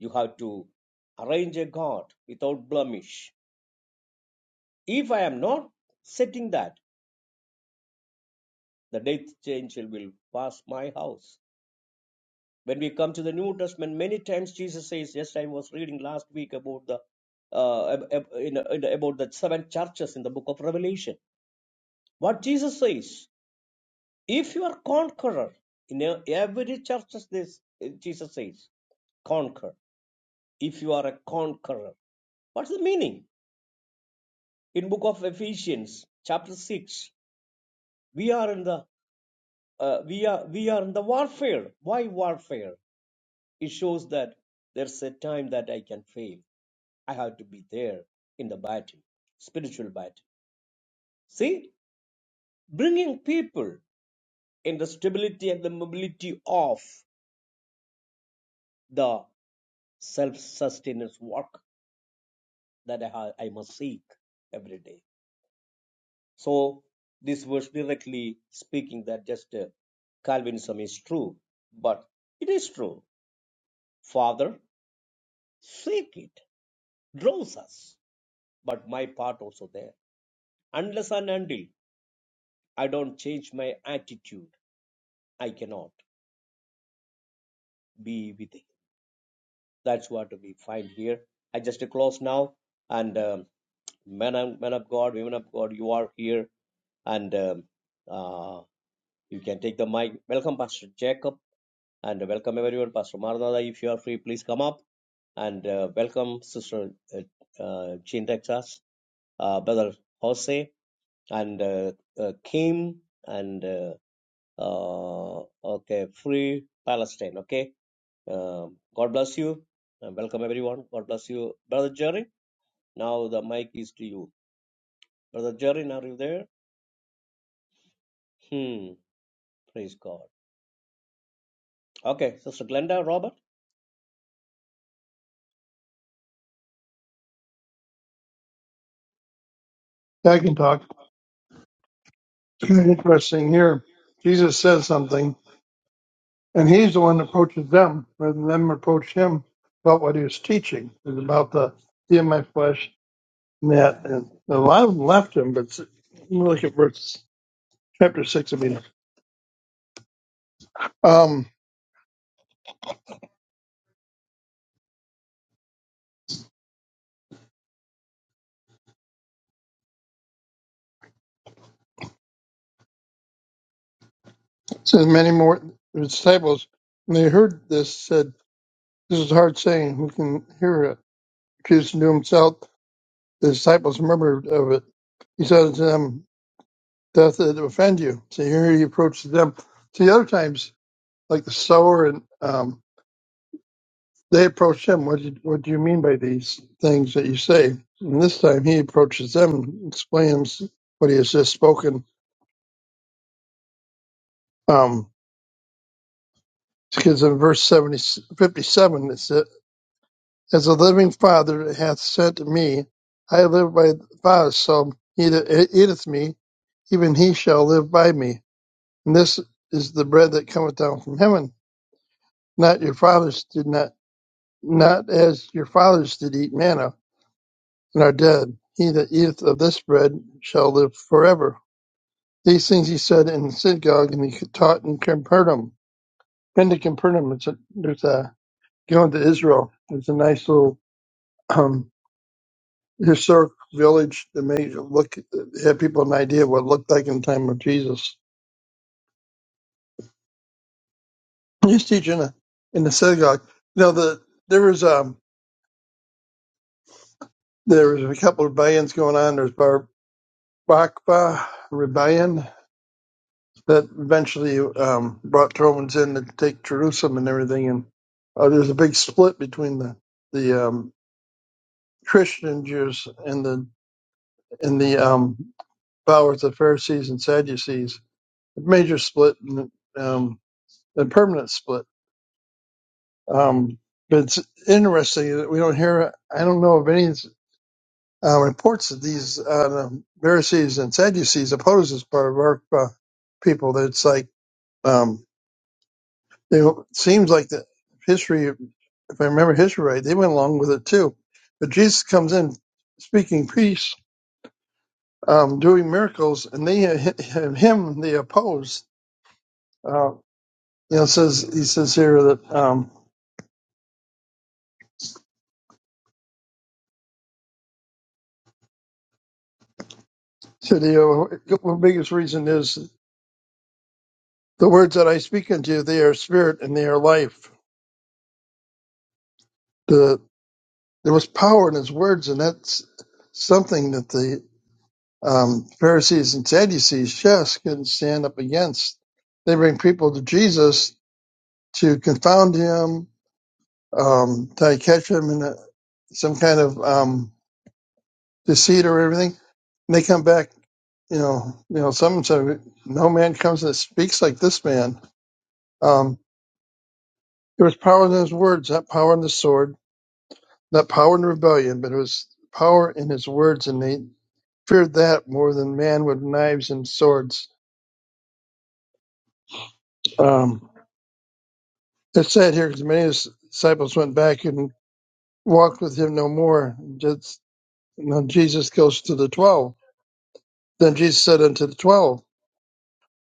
[SPEAKER 2] You have to arrange a God without blemish If I am not setting that, the death angel will pass my house. When we come to the New Testament, many times Jesus says, "Yes, I was reading last week about the uh, in, in, about the seven churches in the book of Revelation." What Jesus says, "If you are conqueror in e- every church, this uh, Jesus says, conquer. If you are a conqueror, what's the meaning?" In book of Ephesians, chapter six, we are in the uh, we are we are in the warfare. Why warfare? It shows that there's a time that I can fail. I have to be there in the battle, spiritual battle. See, bringing people in the stability and the mobility of the self-sustenance work that I, ha- I must seek every day. So this verse directly speaking that just uh, Calvinism is true, but it is true. Father, seek it, draws us. but my part also there. Unless and until I don't change my attitude, I cannot be with Him. That's what we find here. I just close now, and um, men, and, men of God, women of God, you are here, and um, uh, you can take the mic. Welcome, Pastor Jacob, and welcome everyone, Pastor Maranatha. If you are free, please come up and uh, welcome Sister uh, uh, Jean Texas, uh, Brother Jose, and uh, uh, Kim, and uh, Uh, okay, free Palestine. Okay, um, God bless you. Uh, welcome everyone. God bless you, brother Jerry. Now the mic is to you, brother Jerry. Are you there? Hmm. Praise God. Okay, Sister Glenda, Robert.
[SPEAKER 4] Yeah, I can talk. Very Interesting here. Jesus says something, and he's the one that approaches them rather than them approach him about what he was teaching. It's about the see in my flesh and that. And a lot of them left him, but s- look at verse chapter 6 of Peter. Um, it says, Many more disciples, when they heard this, said, This is a hard saying. Who can hear it? Jesus knew himself. The disciples murmured of it. He said to them, that that offend you. So here he approaches them. See, other times, like the sower, and um, they approach him. What do you, what do you mean by these things that you say? And this time, he approaches them and explains what he has just spoken. Um, because in verse 70, fifty-seven, it said, "As a living Father hath sent me, I live by the Father. So he that eateth me, even he shall live by me. And this is the bread that cometh down from heaven, not your fathers did not." not as your fathers did eat manna and are dead. He that eateth of this bread shall live forever. These things he said in the synagogue, and he taught in Capernaum. Been to Capernaum. It's a, there's a going to Israel. There's a nice little um, historic village that may look have people an idea what it looked like in the time of Jesus. He's teaching in, in the synagogue. Now the there was um there was a couple of rebellions going on. There's Bar Bakba rebellion that eventually um, brought Romans in to take Jerusalem and everything. And uh, there's a big split between the the um, Christian Jews and the and the um, followers of Pharisees and Sadducees. A major split and um, a permanent split. Um, but it's interesting that we don't hear. I don't know of any uh, reports that these uh, the Pharisees and Sadducees oppose this part of our uh, people. That it's like. Um, They, it seems like the history, if I remember history right, they went along with it too. But Jesus comes in speaking peace, um, doing miracles, and they him they oppose. Uh, you know, it says he says here that um, so the uh, biggest reason is the words that I speak unto you, they are spirit and they are life. The there was power in his words, and that's something that the Um, Pharisees and Sadducees just couldn't stand up against. They bring people to Jesus to confound him, um, to catch him in a, some kind of um, deceit or everything. And they come back, you know, you know, some said, no man comes that speaks like this man. Um, there was power in his words, not power in the sword, not power in rebellion, but it was power in his words, and they feared that more than man with knives and swords. Um, It said here, because many of his disciples went back and walked with him no more. Just, now Jesus goes to the twelve. Then Jesus said unto the twelve,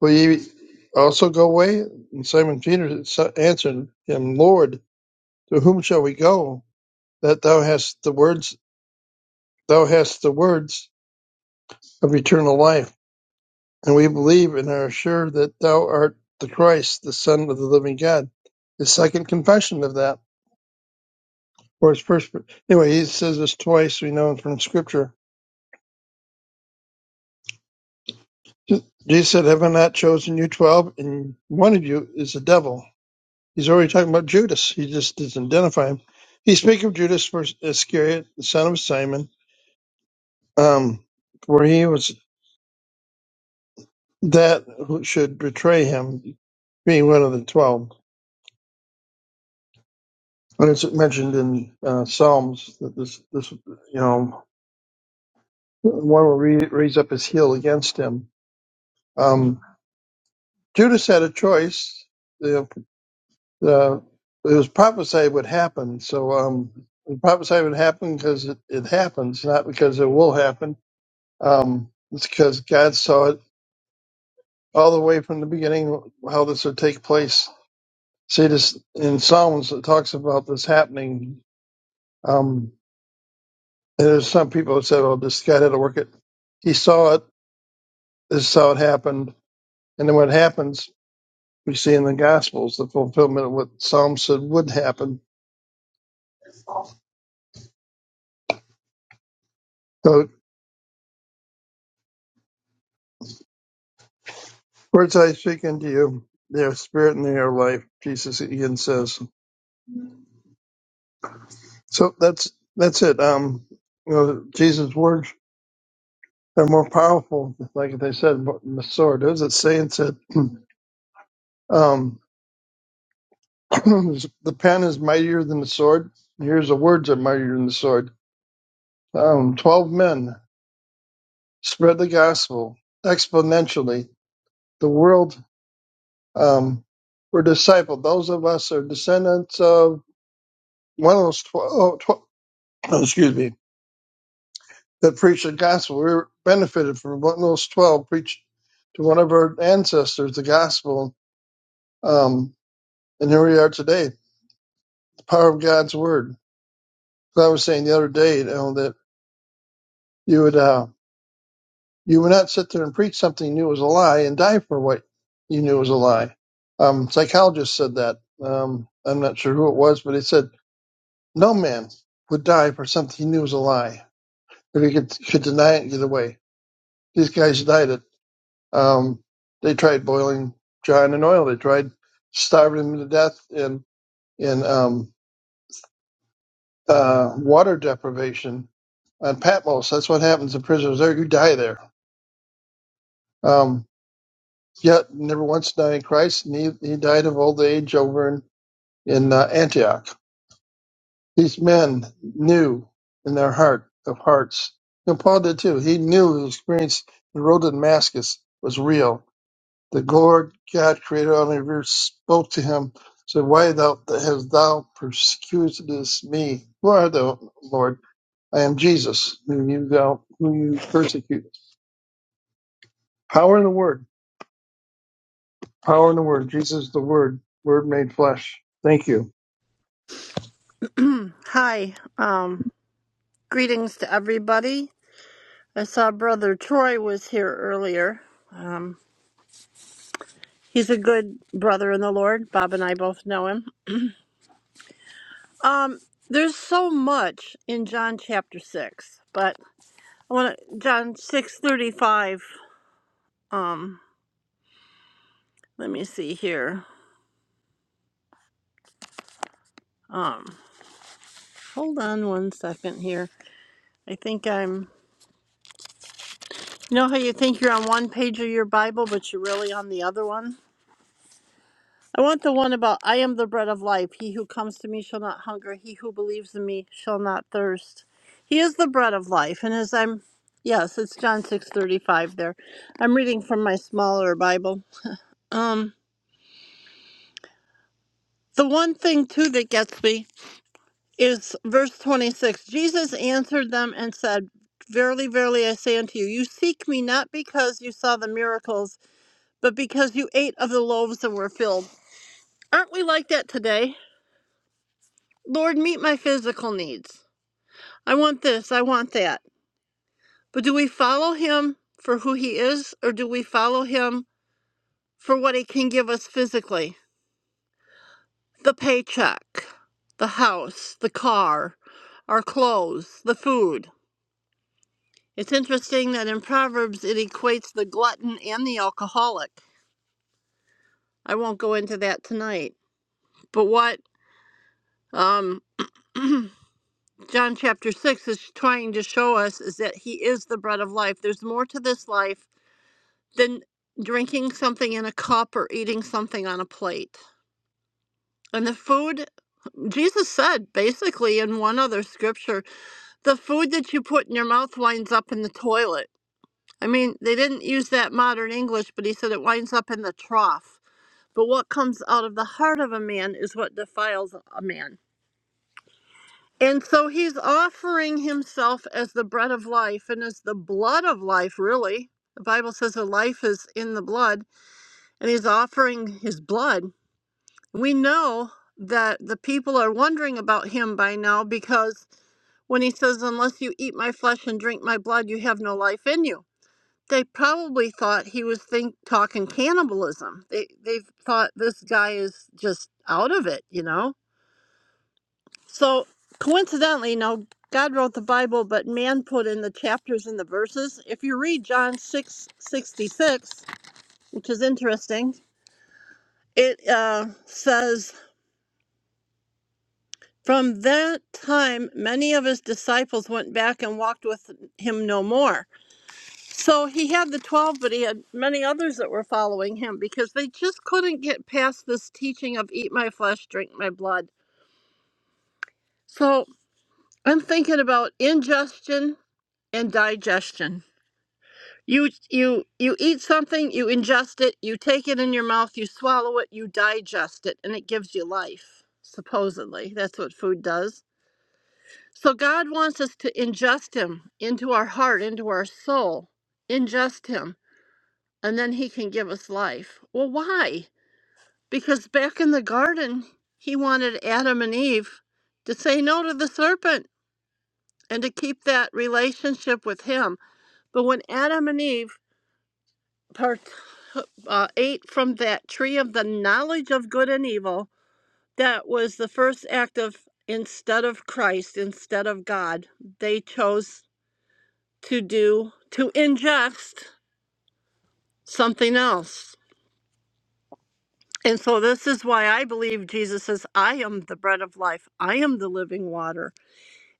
[SPEAKER 4] Will ye also go away? And Simon Peter so- answered him, Lord, to whom shall we go? That thou hast the words, thou hast the words of eternal life, and we believe and are sure that thou art the Christ, the Son of the living God. His second confession of that, or his first. Anyway, he says this twice. We know from Scripture Jesus said, Have I not chosen you twelve? And one of you is the devil. He's already talking about Judas. He just doesn't identify him. He's speaking of Judas Iscariot, the son of Simon, um, where he was that who should betray him, being one of the twelve. And it's mentioned in uh, Psalms that this, this, you know, one will re- raise up his heel against him. Um, Judas had a choice. uh, it was prophesied would happen. So um, it was prophesied would happen because it, it happens, not because it will happen. Um, it's because God saw it all the way from the beginning how this would take place. See this in Psalms it talks about this happening. Um, and there's some people that said, "Well, this God had to work it." He saw it. This is how it happened. And then what happens, we see in the Gospels the fulfillment of what Psalms said would happen. So Words I speak unto you, they are spirit and they are life. Jesus again says. So that's that's it. Um, you know, Jesus' words are more powerful. Like they said, than the sword. There's a saying said, um, the pen is mightier than the sword. Here's the words that are mightier than the sword. Um, Twelve men spread the gospel exponentially. The world um, were discipled. Those of us are descendants of one of those twelve. excuse me that preached the gospel. We were benefited from what those 12 preached to one of our ancestors the gospel. Um, and here we are today, the power of God's word. As I was saying the other day, you know, that you would, uh, you would not sit there and preach something you knew was a lie and die for what you knew was a lie. Um, psychologist said that. Um, I'm not sure who it was, but he said, no man would die for something he knew was a lie. If he could, could deny it and get away. These guys died it Um, they tried boiling John in oil. They tried starving him to death in in um, uh, water deprivation on Patmos. That's what happens to prisoners there. You die there. Um, yet never once denying Christ, and he, he died of old age over in in uh, Antioch. These men knew in their heart of hearts. And Paul did too. He knew his experience, the road to Damascus was real The Lord God, creator of the universe, spoke to him, said, Why thou hast thou persecuted me? Who art thou, Lord? I am Jesus, whom you thou who you persecute. Power in the word. Power in the word. Jesus is the word. Word made flesh. Thank you.
[SPEAKER 3] Hi, um, greetings to everybody. I saw Brother Troy was here earlier. Um, he's a good brother in the Lord. Bob and I both know him. Um, there's so much in John chapter six, but I want to John six thirty five. Um, let me see here. Um, hold on one second here. I think I'm You know how you think you're on one page of your Bible, but you're really on the other one? I want the one about I am the bread of life. He who comes to me shall not hunger. He who believes in me shall not thirst. He is the bread of life. And as I'm yes, it's John 6:35 there. I'm reading from my smaller Bible. Um the one thing too that gets me is verse 26. Jesus answered them and said, Verily, verily, I say unto you, you seek me not because you saw the miracles but because you ate of the loaves that were filled. Aren't we like that today? Lord, meet my physical needs. I want this, I want that. But do we follow him for who he is, or do we follow him for what he can give us physically? The paycheck, the house, the car, our clothes, the food. It's interesting that in Proverbs it equates the glutton and the alcoholic. I won't go into that tonight. But what um John chapter 6 is trying to show us is that he is the bread of life. There's more to this life than drinking something in a cup or eating something on a plate. And the food, Jesus said basically in one other scripture, the food that you put in your mouth winds up in the toilet. I mean, they didn't use that modern English, but he said it winds up in the trough. But what comes out of the heart of a man is what defiles a man. And so he's offering himself as the bread of life and as the blood of life, really. The Bible says the life is in the blood, and he's offering his blood. We know that the people are wondering about him by now because when he says, Unless you eat my flesh and drink my blood, you have no life in you. They probably thought he was think talking cannibalism. They they thought this guy is just out of it, you know So coincidentally, now God wrote the Bible, but man put in the chapters and the verses. If you read John six sixty six, which is interesting, it uh, says, From that time, many of his disciples went back and walked with him no more. So he had the 12, but he had many others that were following him because they just couldn't get past this teaching of eat my flesh, drink my blood. So I'm thinking about ingestion and digestion You you you eat something, you ingest it, you take it in your mouth, you swallow it, you digest it, and it gives you life. Supposedly, that's what food does. So God wants us to ingest him into our heart, into our soul. Ingest him, and then he can give us life. Well, why? Because back in the garden, he wanted Adam and Eve to say no to the serpent and to keep that relationship with him. But when Adam and Eve part uh, eight from that tree of the knowledge of good and evil that was the first act of instead of christ instead of god they chose to do to ingest something else and so this is why i believe jesus says i am the bread of life i am the living water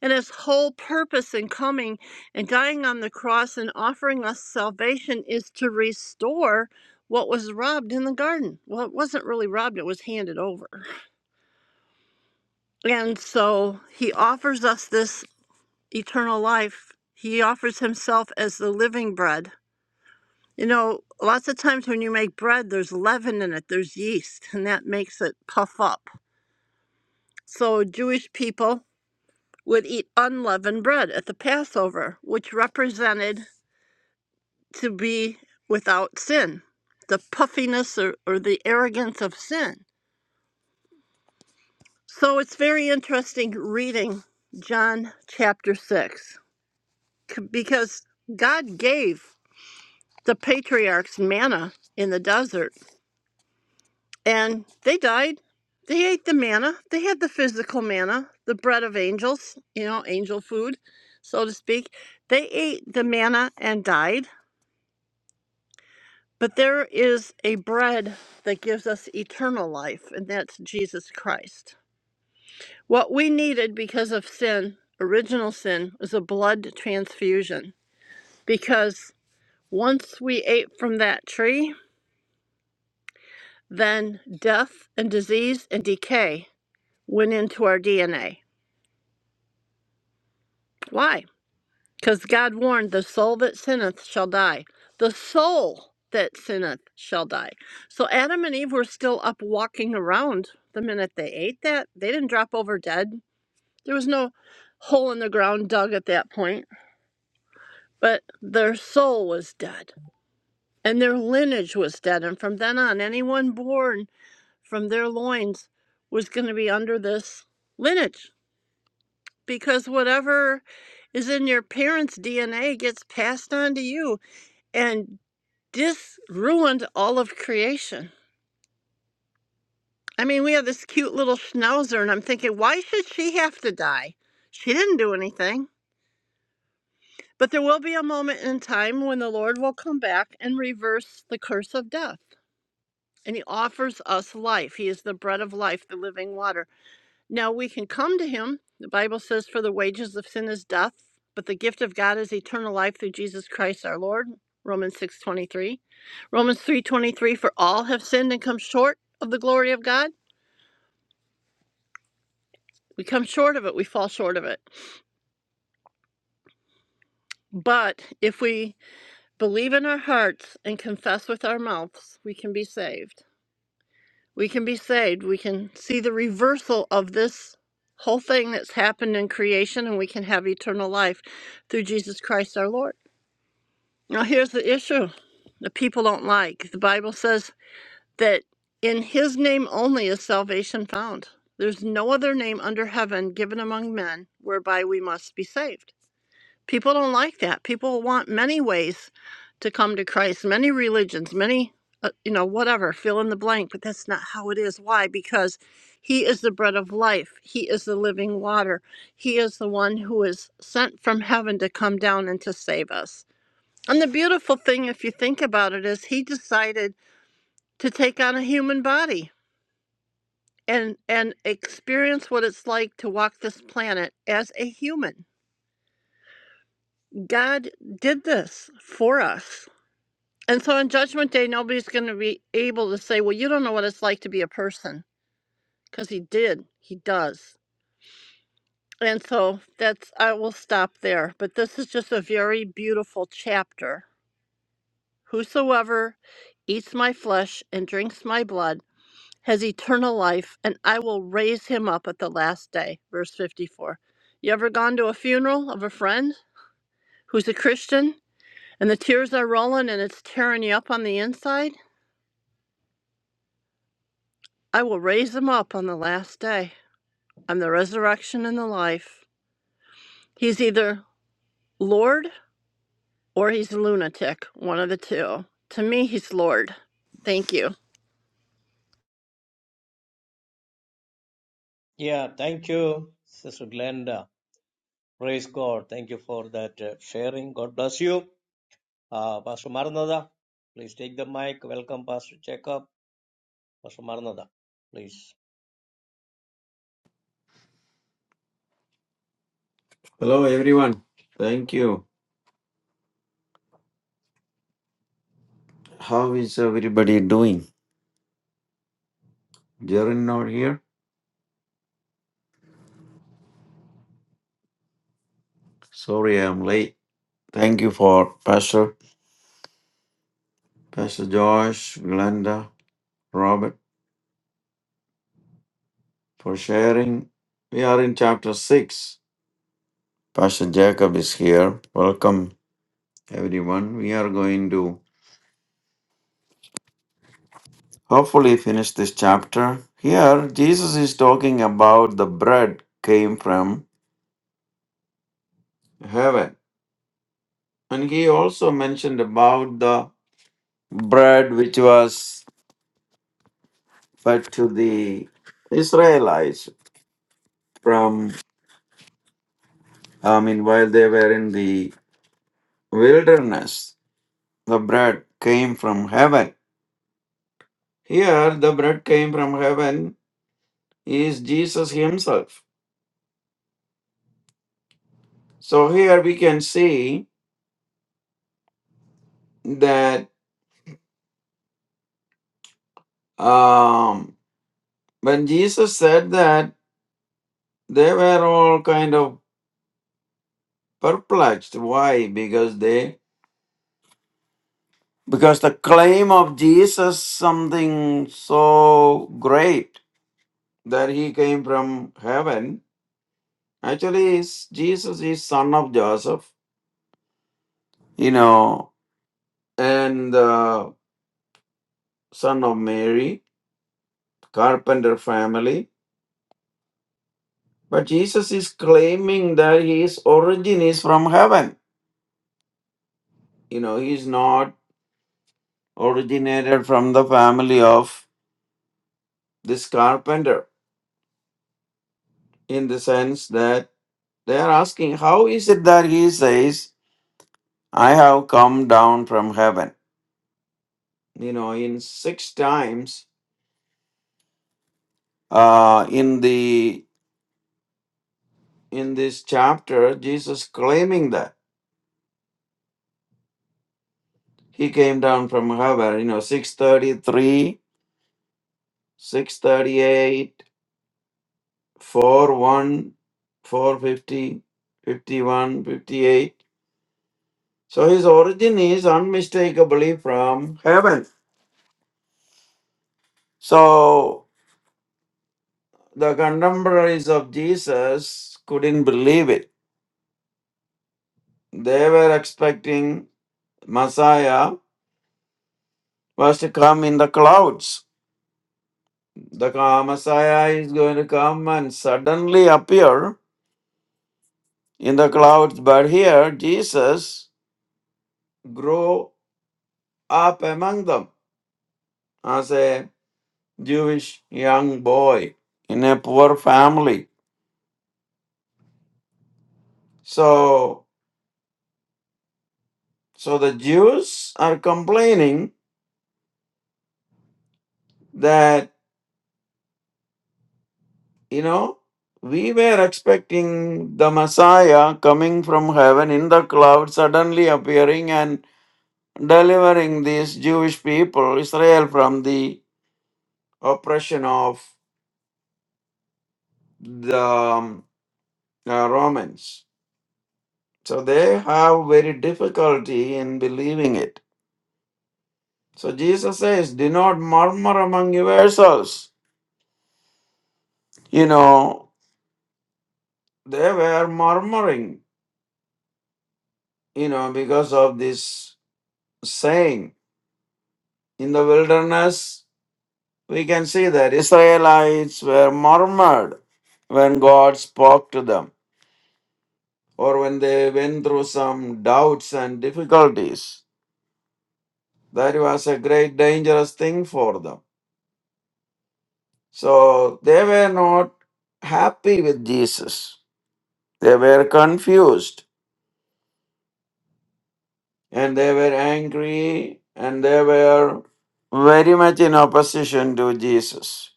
[SPEAKER 3] And his whole purpose in coming and dying on the cross and offering us salvation is to restore what was robbed in the garden. Well, it wasn't really robbed, it was handed over. And so he offers us this eternal life. He offers himself as the living bread. You know, lots of times when you make bread, there's leaven in it, there's yeast, and that makes it puff up. So Jewish people would eat unleavened bread at the Passover, which represented to be without sin, the puffiness or, or the arrogance of sin. So it's very interesting reading John chapter 6 c- because God gave the patriarchs manna in the desert and they died. They ate the manna, they had the physical manna, the bread of angels, you know, angel food, so to speak. They ate the manna and died But there is a bread that gives us eternal life, and that's Jesus Christ. What we needed because of sin, original sin, was a blood transfusion. Because once we ate from that tree, then death and disease and decay went into our DNA. Why? Because God warned, the soul that sinneth shall die. The soul that sinneth shall die. So Adam and Eve were still up walking around the minute they ate that. They didn't drop over dead. There was no hole in the ground dug at that point. But their soul was dead, and their lineage was dead. And from then on, anyone born from their loins was going to be under this lineage. Because whatever is in your parents' DNA gets passed on to you and This ruined all of creation. I mean, we have this cute little schnauzer, and I'm thinking, why should she have to die? She didn't do anything. But there will be a moment in time when the Lord will come back and reverse the curse of death. And he offers us life. He is the bread of life, the living water. Now we can come to him. The Bible says, For the wages of sin is death, but the gift of God is eternal life through Jesus Christ our Lord. Romans 6 23, Romans 3 23. For all have sinned and come short of the glory of God. We come short of it. We fall short of it. But if we believe in our hearts and confess with our mouths, we can be saved. We can be saved. We can see the reversal of this whole thing that's happened in creation, and we can have eternal life through Jesus Christ our Lord. Now, here's the issue that people don't like. The Bible says that in his name only is salvation found. There's no other name under heaven given among men whereby we must be saved. People don't like that. People want many ways to come to Christ, many religions, many, uh, you know, whatever, fill in the blank, but that's not how it is. Why? Because he is the bread of life, he is the living water, he is the one who is sent from heaven to come down and to save us. And the beautiful thing, if you think about it, is he decided to take on a human body and and experience what it's like to walk this planet as a human. God did this for us. And so on judgment day nobody's going to be able to say, "Well, you don't know what it's like to be a person," because he did. He does. And so that's I will stop there, but this is just a very beautiful chapter. Whosoever eats my flesh and drinks my blood has eternal life, and I will raise him up at the last day. Verse 54. You ever gone to a funeral of a friend who's a Christian and the tears are rolling and it's tearing you up on the inside? I will raise him up on the last day. I'm the resurrection and the life. He's either Lord or he's a lunatic, one of the two. To me, he's Lord. Thank you.
[SPEAKER 2] Yeah, thank you, Sister Glenda. Praise God. Thank you for that uh, sharing. God bless you, uh, Pastor Maranatha. Please take the mic. Welcome, Pastor Jacob. Pastor Maranatha, please.
[SPEAKER 5] Hello, everyone. Thank you. How is everybody doing? Jaren not here. Sorry, I'm late. Thank you for Pastor, Pastor Josh, Glenda, Robert for sharing. We are in chapter six. Pastor Jacob is here. Welcome, everyone. We are going to hopefully finish this chapter. Here, Jesus is talking about the bread came from heaven, and he also mentioned about the bread which was but to the Israelites from, I mean, while they were in the wilderness, the bread came from heaven. Here, the bread came from heaven is Jesus Himself. So here we can see that um, when Jesus said that, they were all kind of perplexed. Why? Because they because the claim of Jesus something so great that he came from heaven. Actually, is- Jesus is son of Joseph, you know, and uh, son of Mary, carpenter family. But Jesus is claiming that his origin is from heaven. You know, he's not originated from the family of this carpenter in the sense that they are asking, how is it that he says, I have come down from heaven? You know, in six times uh, in the in this chapter jesus claiming that he came down from heaven you know 633 one, four fifty, fifty one, fifty eight. so his origin is unmistakably from heaven so the contemporaries of jesus couldn't believe it they were expecting messiah was to come in the clouds The Messiah is going to come and suddenly appear in the clouds, but here Jesus grew up among them as a Jewish young boy in a poor family. So, so the Jews are complaining that, you know, we were expecting the Messiah coming from heaven in the clouds, suddenly appearing and delivering these Jewish people, Israel, from the oppression of the um, uh, Romans. So they have very difficulty in believing it. So Jesus says, Do not murmur among yourselves. You know, they were murmuring, you know, because of this saying. In the wilderness, we can see that Israelites were murmured when God spoke to them or when they went through some doubts and difficulties That was a great dangerous thing for them. So they were not happy with Jesus. They were confused and they were angry and they were very much in opposition to Jesus.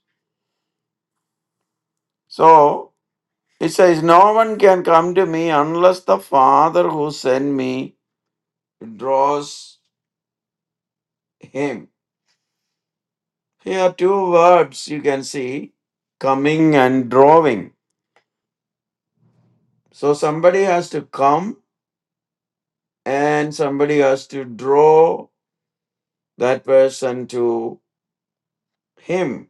[SPEAKER 5] So it says, No one can come to me unless the Father who sent me draws him. Here, two words you can see coming and drawing. So somebody has to come and somebody has to draw that person to him.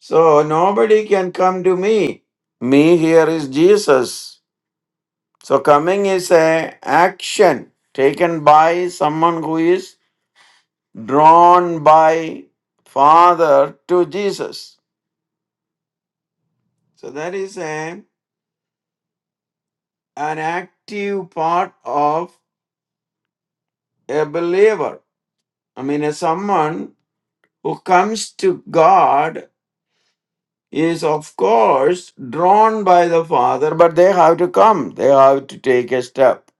[SPEAKER 5] So nobody can come to me. Me here is Jesus. So coming is a action taken by someone who is drawn by Father to Jesus. So that is a an active part of a believer. I mean, a someone who comes to God is of course drawn by the father but they have to come they have to take a step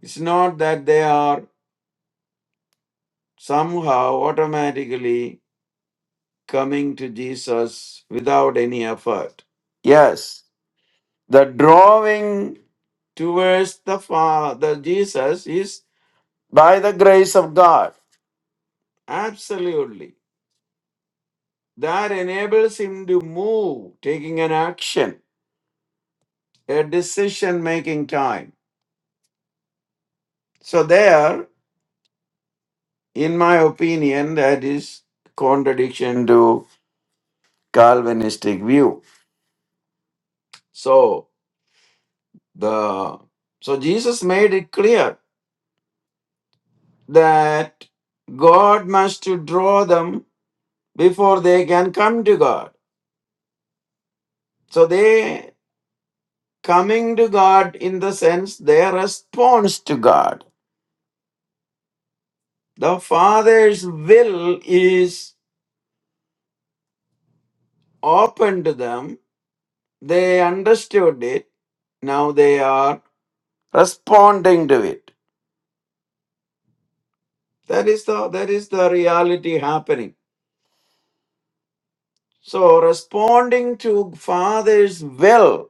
[SPEAKER 5] it's not that they are somehow automatically coming to jesus without any effort yes the drawing towards the father jesus is by the grace of god absolutely that enables him to move taking an action a decision making time so there In my opinion, that is contradiction to Calvinistic view. So the so Jesus made it clear that God must to draw them before they can come to God. So they coming to God in the sense their response to God. The Father's will is open to them. They understood it. Now they are responding to it. That is the that is the reality happening. So responding to Father's will,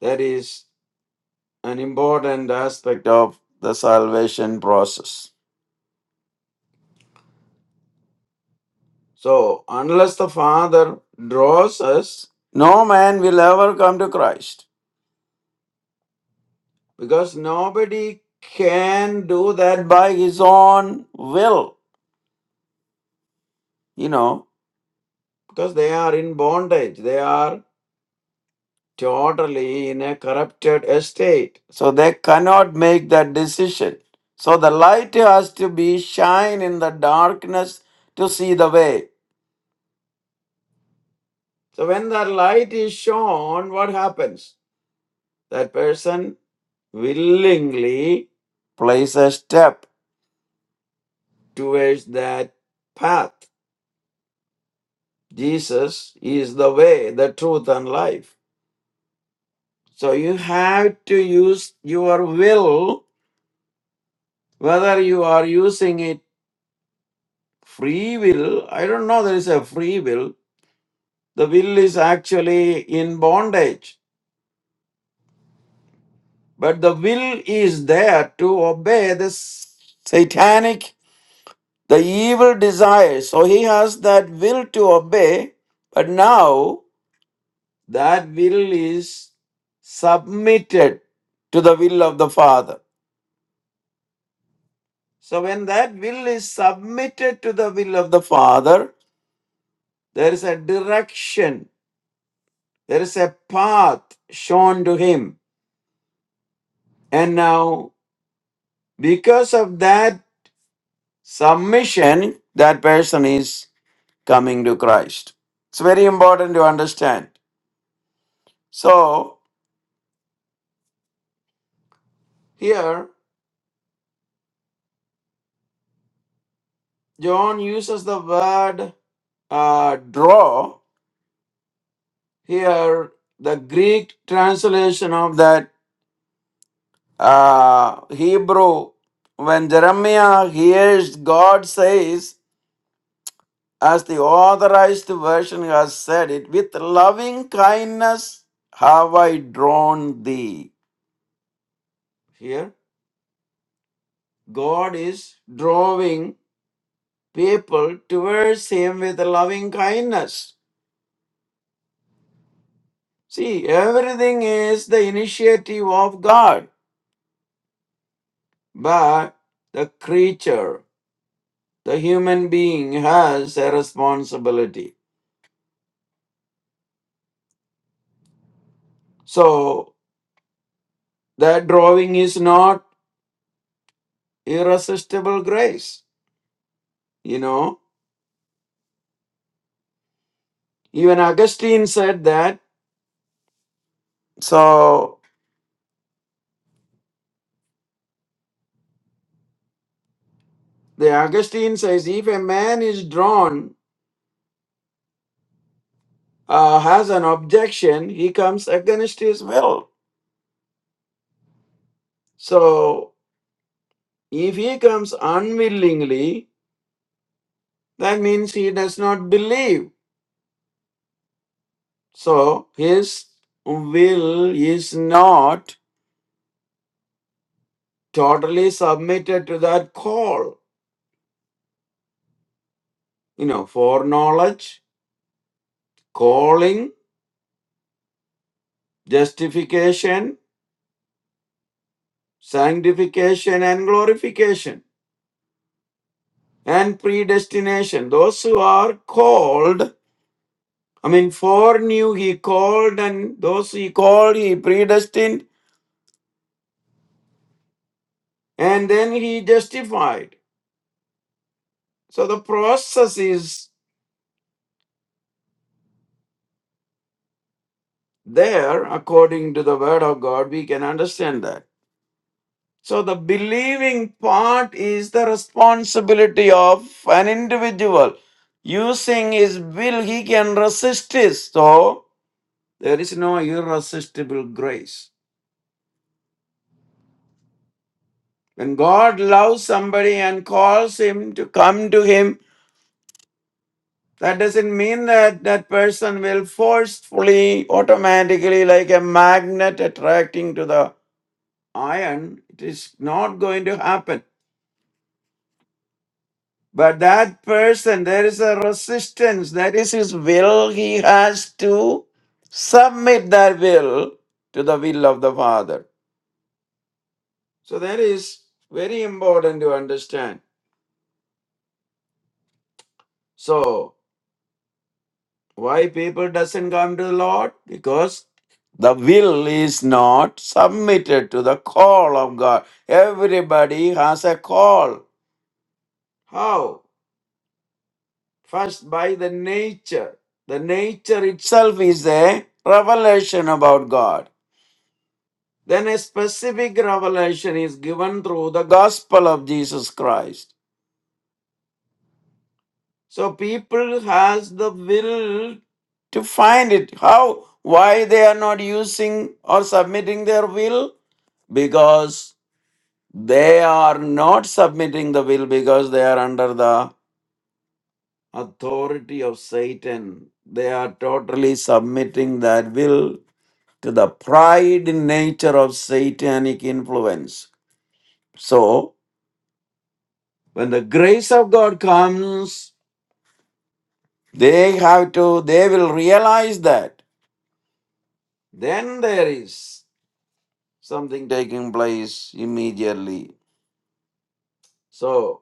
[SPEAKER 5] that is an important aspect of the salvation process. So unless the Father draws us, no man will ever come to Christ. Because nobody can do that by his own will, you know, because they are in bondage. They are Totally in a corrupted estate. So they cannot make that decision. So the light has to be shine in the darkness to see the way. So when the light is shown, what happens? That person willingly places a step towards that path. Jesus is the way, the truth, and life. So you have to use your will, whether you are using it Free will, I don't know there is a free will. The will is actually in bondage, but the will is there to obey the satanic, the evil desires. So he has that will to obey, but now that will is submitted to the will of the Father. So when that will is submitted to the will of the Father, there is a direction, there is a path shown to him And now, because of that submission, that person is coming to Christ. It's very important to understand. So, here, John uses the word uh, draw. Here, the Greek translation of that uh, Hebrew, when Jeremiah hears God says, as the authorized version has said it, with loving kindness have I drawn thee. Here, God is drawing people towards Him with loving kindness. See, everything is the initiative of God, but the creature, the human being, has a responsibility. So, that drawing is not irresistible grace. You know, Even Augustine said that. So the Augustine says if a man is drawn, uh, has an objection, he comes against his will. So if he comes unwillingly, that means he does not believe. So his will is not totally submitted to that call. You know, foreknowledge, calling, justification, sanctification, and glorification. and predestination. Those who are called, I mean, foreknew he called, and those he called, he predestined, and then he justified. So the process is there according to the word of God. We can understand that. So the believing part is the responsibility of an individual. Using his will, he can resist it. So there is no irresistible grace. When God loves somebody and calls him to come to him, that doesn't mean that that person will forcefully, automatically, like a magnet attracting to the iron. It is not going to happen. But that person, there is a resistance. That is his will. He has to submit that will to the will of the Father. So that is very important to understand. So Why people doesn't come to the Lord? Because the will is not submitted to the call of God. Everybody has a call. How? First by the nature. The nature itself is a revelation about God. Then a specific revelation is given through the gospel of Jesus Christ. So people has the will to find it. How? Why they are not using or submitting their will? because they are not submitting the will because they are under the authority of Satan. They are totally submitting that will to the pride in nature of satanic influence. So, when the grace of God comes, they have to, they will realize that. Then there is something taking place immediately. So.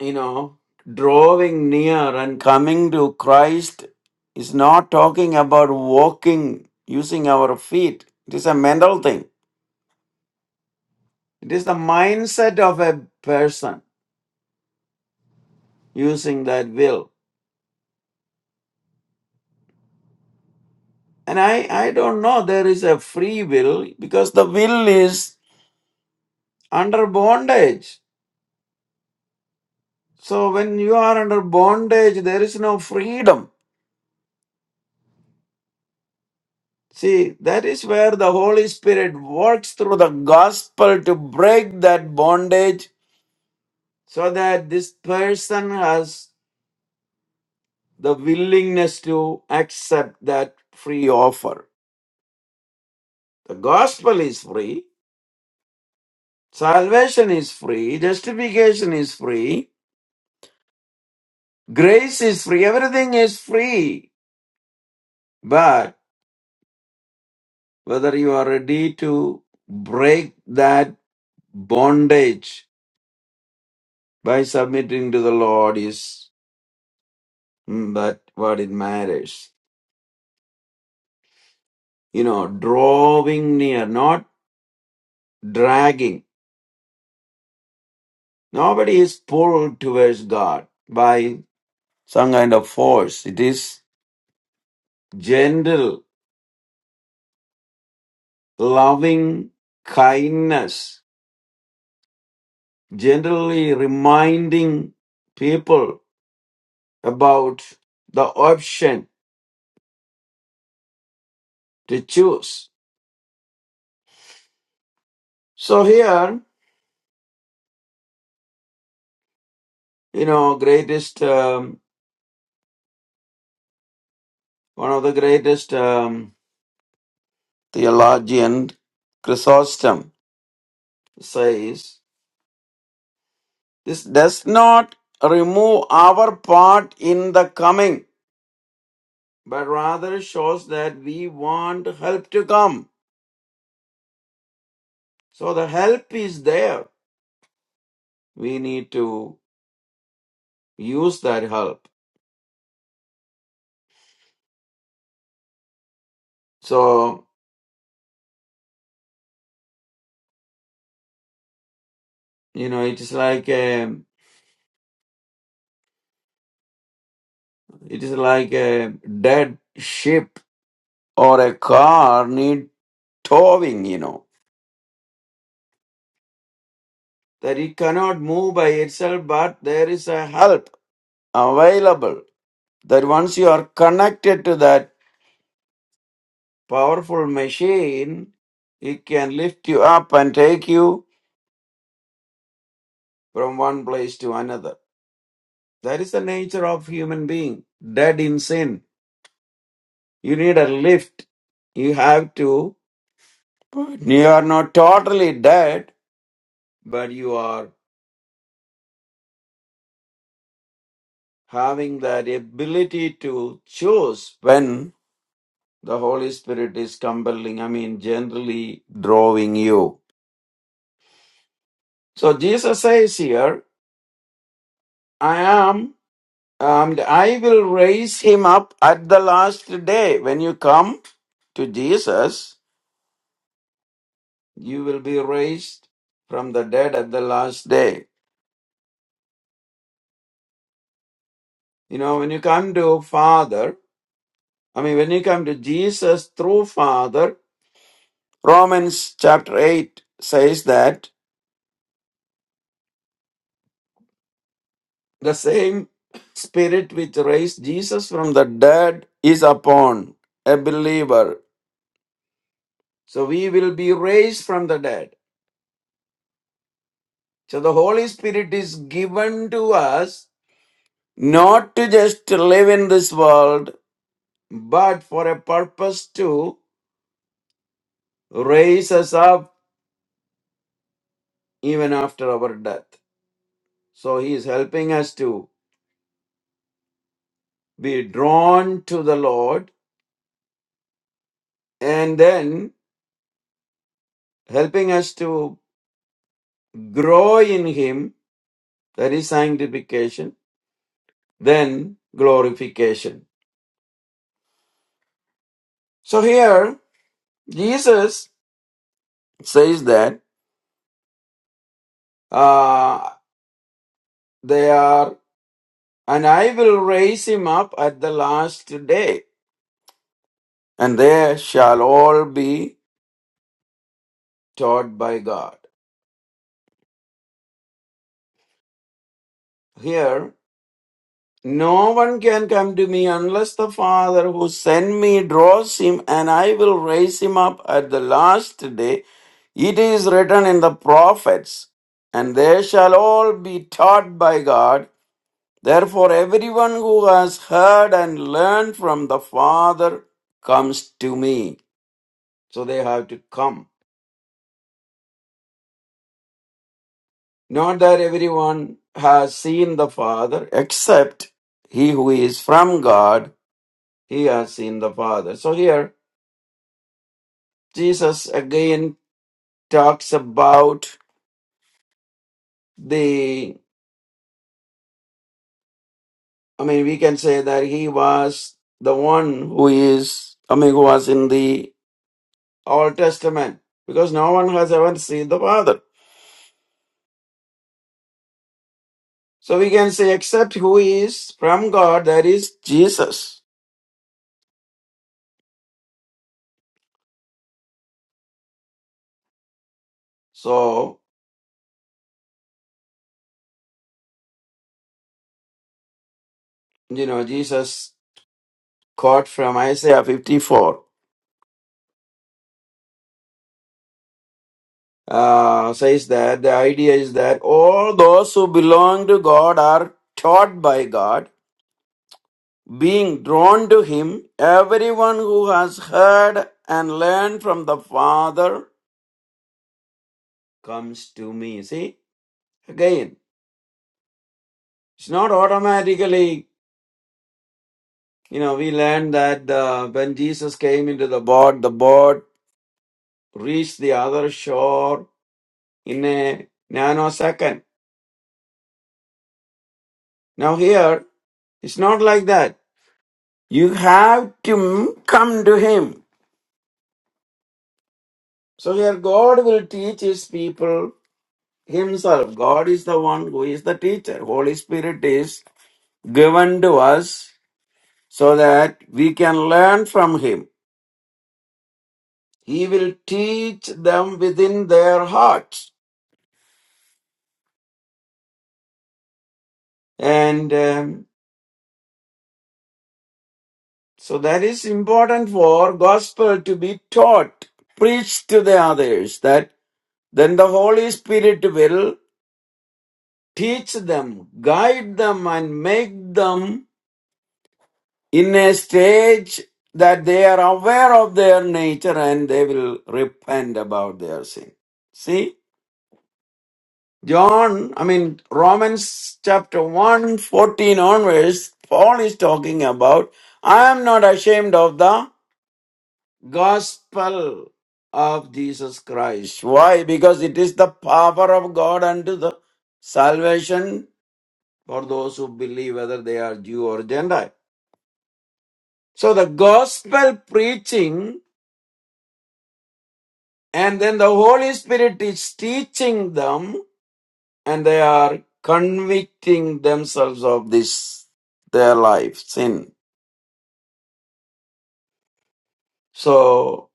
[SPEAKER 5] you know, drawing near and coming to Christ is not talking about walking using our feet. It is a mental thing. It is the mindset of a person using that will. And I, I don't know, there is a free will because the will is under bondage. So when you are under bondage, there is no freedom. See, that is where the Holy Spirit works through the gospel to break that bondage so that this person has the willingness to accept that free offer. The gospel is free, salvation is free, justification is free, grace is free, everything is free. But whether you are ready to break that bondage by submitting to the Lord is mm, that what it matters. You know, drawing near, not dragging Nobody is pulled towards God by some kind of force. It is gentle, loving kindness, gently reminding people about the option to choose. So here, you know, greatest, um, one of the greatest um, theologian, Chrysostom, says, this does not remove our part in the coming but rather shows that we want help to come. So the help is there. We need to use that help. So, you know, it is like a, it is like a dead ship or a car need towing, you know, that it cannot move by itself, but there is a help available that once you are connected to that powerful machine, it can lift you up and take you from one place to another. That is the nature of human being, dead in sin. You need a lift. You have to. you are not totally dead, but you are having that ability to choose when the Holy Spirit is compelling, I mean, generally drawing you. So Jesus says here, I am, and I will raise him up at the last day. When you come to Jesus, you will be raised from the dead at the last day. You know, when you come to Father, I mean, when you come to Jesus through Father, Romans chapter 8 says that the same Spirit which raised Jesus from the dead is upon a believer. So we will be raised from the dead. So the Holy Spirit is given to us not to just live in this world, but for a purpose to raise us up even after our death. So he is helping us to be drawn to the Lord and then helping us to grow in Him, that is sanctification, then glorification. So here, Jesus says that uh, they are, and I will raise him up at the last day, and they shall all be taught by God. Here, No one can come to me unless the Father who sent me draws him, and I will raise him up at the last day. It is written in the prophets, and they shall all be taught by God. Therefore, everyone who has heard and learned from the Father comes to me. So they have to come. Not that everyone has seen the Father, except he who is from God, he has seen the Father. So here, Jesus again talks about the, I mean, we can say that he was the one who is, I mean, who was in the Old Testament because no one has ever seen the Father. So we can say, except who is from God, that is Jesus. So, you know, Jesus quote from Isaiah 54 uh, says that the idea is that all those who belong to God are taught by God Being drawn to him, everyone who has heard and learned from the Father comes to me. See, again, it's not automatically, you know, we learned that uh, when Jesus came into the boat, the boat reached the other shore in a nanosecond. Now, here, it's not like that. You have to come to him. So, here, God will teach his people Himself. God is the one who is the teacher. Holy Spirit is given to us so that we can learn from Him. He will teach them within their hearts. And um, so that is important for gospel to be taught, preached to the others, that then the Holy Spirit will teach them, guide them, and make them in a stage that they are aware of their nature and they will repent about their sin. See, John, I mean, Romans chapter one 14 onwards, Paul is talking about, I am not ashamed of the gospel of Jesus Christ. Why? Because it is the power of God unto the salvation for those who believe, whether they are Jew or Gentile. So the gospel preaching And then the Holy Spirit is teaching them and they are convicting themselves of this, their life, sin. So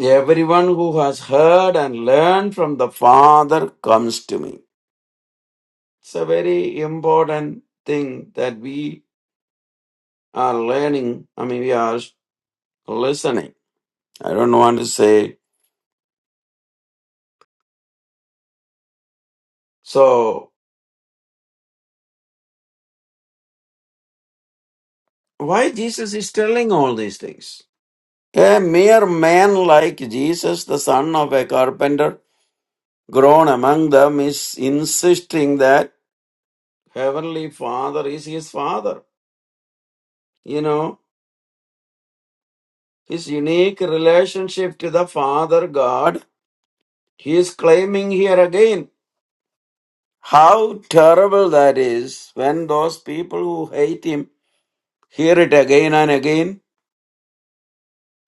[SPEAKER 5] everyone who has heard and learned from the Father comes to me. It's a very important thing that we are learning. I mean, we are listening. I don't want to say. So why Jesus is telling all these things? A mere man like Jesus, the son of a carpenter, grown among them is insisting that Heavenly Father is his father. You know, his unique relationship to the Father God, he is claiming here again. How terrible that is when those people who hate him hear it again and again.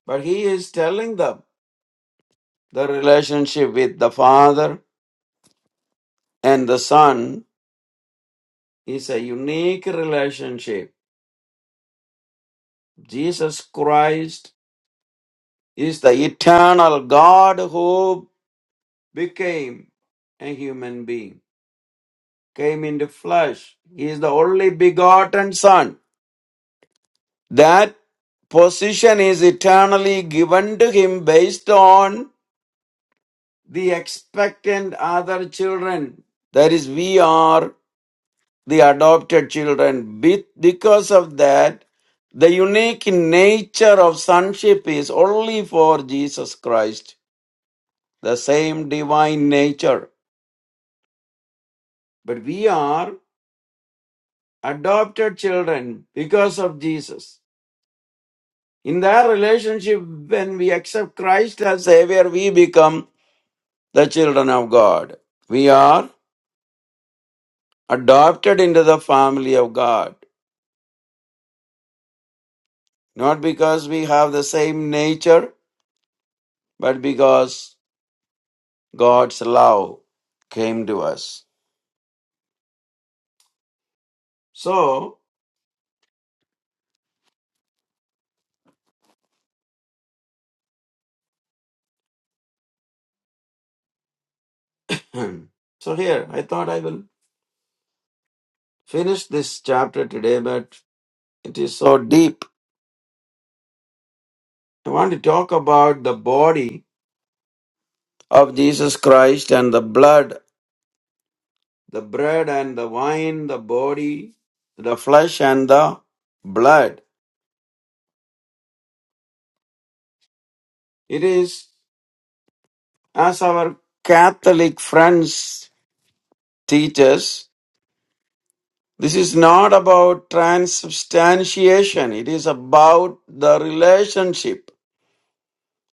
[SPEAKER 5] But he is telling them the relationship with the Father and the Son is a unique relationship. Jesus Christ is the eternal God who became a human being, came into flesh. He is the only begotten Son. That position is eternally given to him based on the expectant other children. That is, we are the adopted children. Be- Because of that, the unique nature of sonship is only for Jesus Christ, the same divine nature. But we are adopted children because of Jesus. In that relationship, when we accept Christ as Savior, we become the children of God. We are adopted into the family of God, not because we have the same nature, but because God's love came to us. So, so here, I thought I will finish this chapter today, but it is so deep. I want to talk about the body of Jesus Christ and the blood, the bread and the wine, the body, the flesh and the blood. It is as our Catholic friends teach us, this is not about transubstantiation. It is about the relationship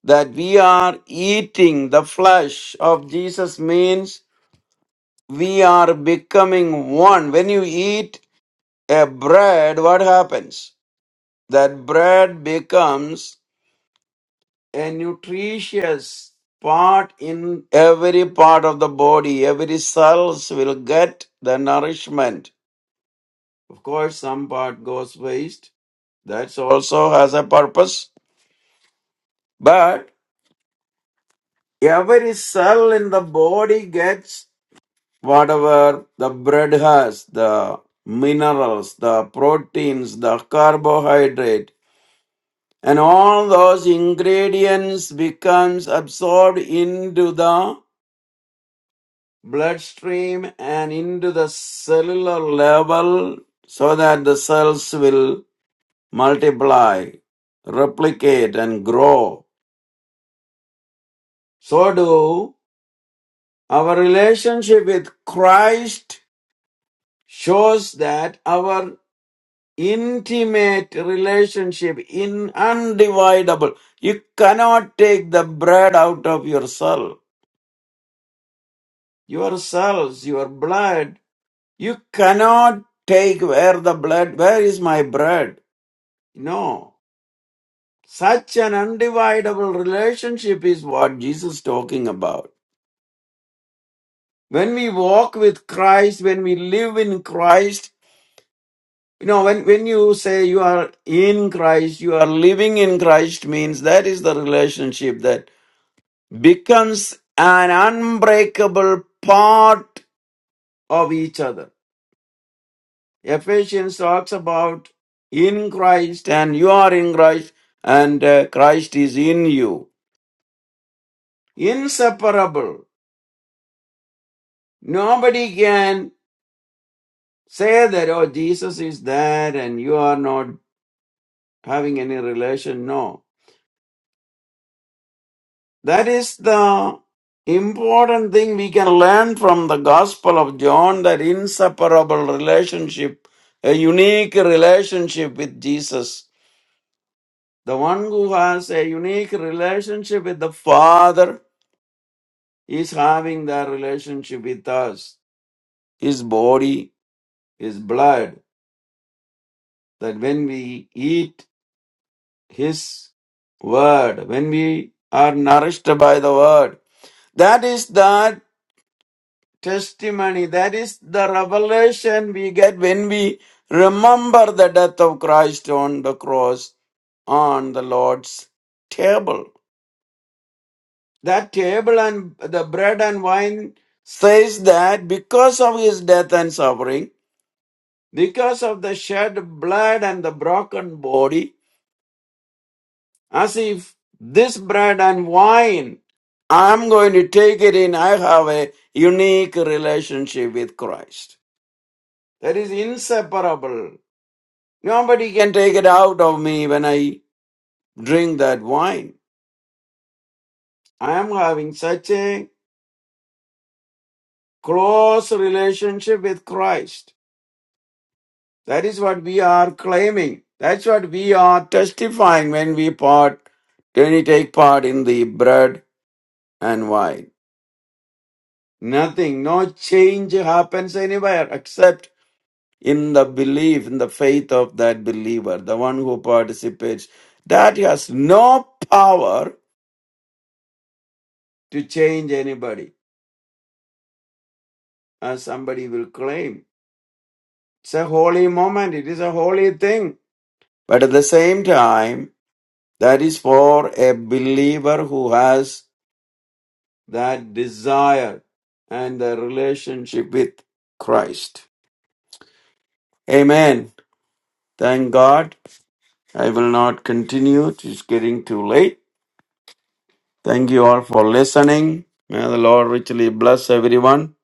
[SPEAKER 5] that we are eating the flesh of Jesus means we are becoming one. When you eat a bread, what happens? that bread becomes a nutritious part in every part of the body every cells will get the nourishment of course some part goes waste that also has a purpose but every cell in the body gets whatever the bread has the minerals the proteins the carbohydrate and all those ingredients becomes absorbed into the bloodstream and into the cellular level so that the cells will multiply replicate and grow so do our relationship with christ shows that our intimate relationship in undividable you cannot take the bread out of yourself yourselves, your blood. You cannot take where the blood, where is my bread? No. Such an undividable relationship is what Jesus is talking about. When we walk with Christ, when we live in Christ, you know, when, when you say you are in Christ, you are living in Christ means that is the relationship that becomes an unbreakable part of each other Ephesians talks about in Christ and you are in Christ and uh, Christ is in you. Inseparable. Nobody can say that, oh, Jesus is that and you are not having any relation. No. That is the important thing we can learn from the Gospel of John that inseparable relationship, a unique relationship with Jesus. The one who has a unique relationship with the Father is having that relationship with us, His body, His blood, that when we eat His word, when we are nourished by the word, that is that testimony, that is the revelation we get when we remember the death of Christ on the cross on the Lord's table. That table and the bread and wine says that because of his death and suffering, because of the shed blood and the broken body, as if this bread and wine, I'm going to take it in, I have a unique relationship with Christ. That is inseparable. Nobody can take it out of me when I drink that wine. I am having such a close relationship with Christ. That is what we are claiming. That's what we are testifying when we part, when we take part in the bread and wide. Nothing, no change happens anywhere except in the belief, in the faith of that believer, the one who participates. That has no power to change anybody, as somebody will claim. It's a holy moment, it is a holy thing. But at the same time, that is for a believer who has that desire and the relationship with Christ. Amen. Thank God I will not continue. It is getting too late. Thank you all for listening. May the Lord richly bless everyone.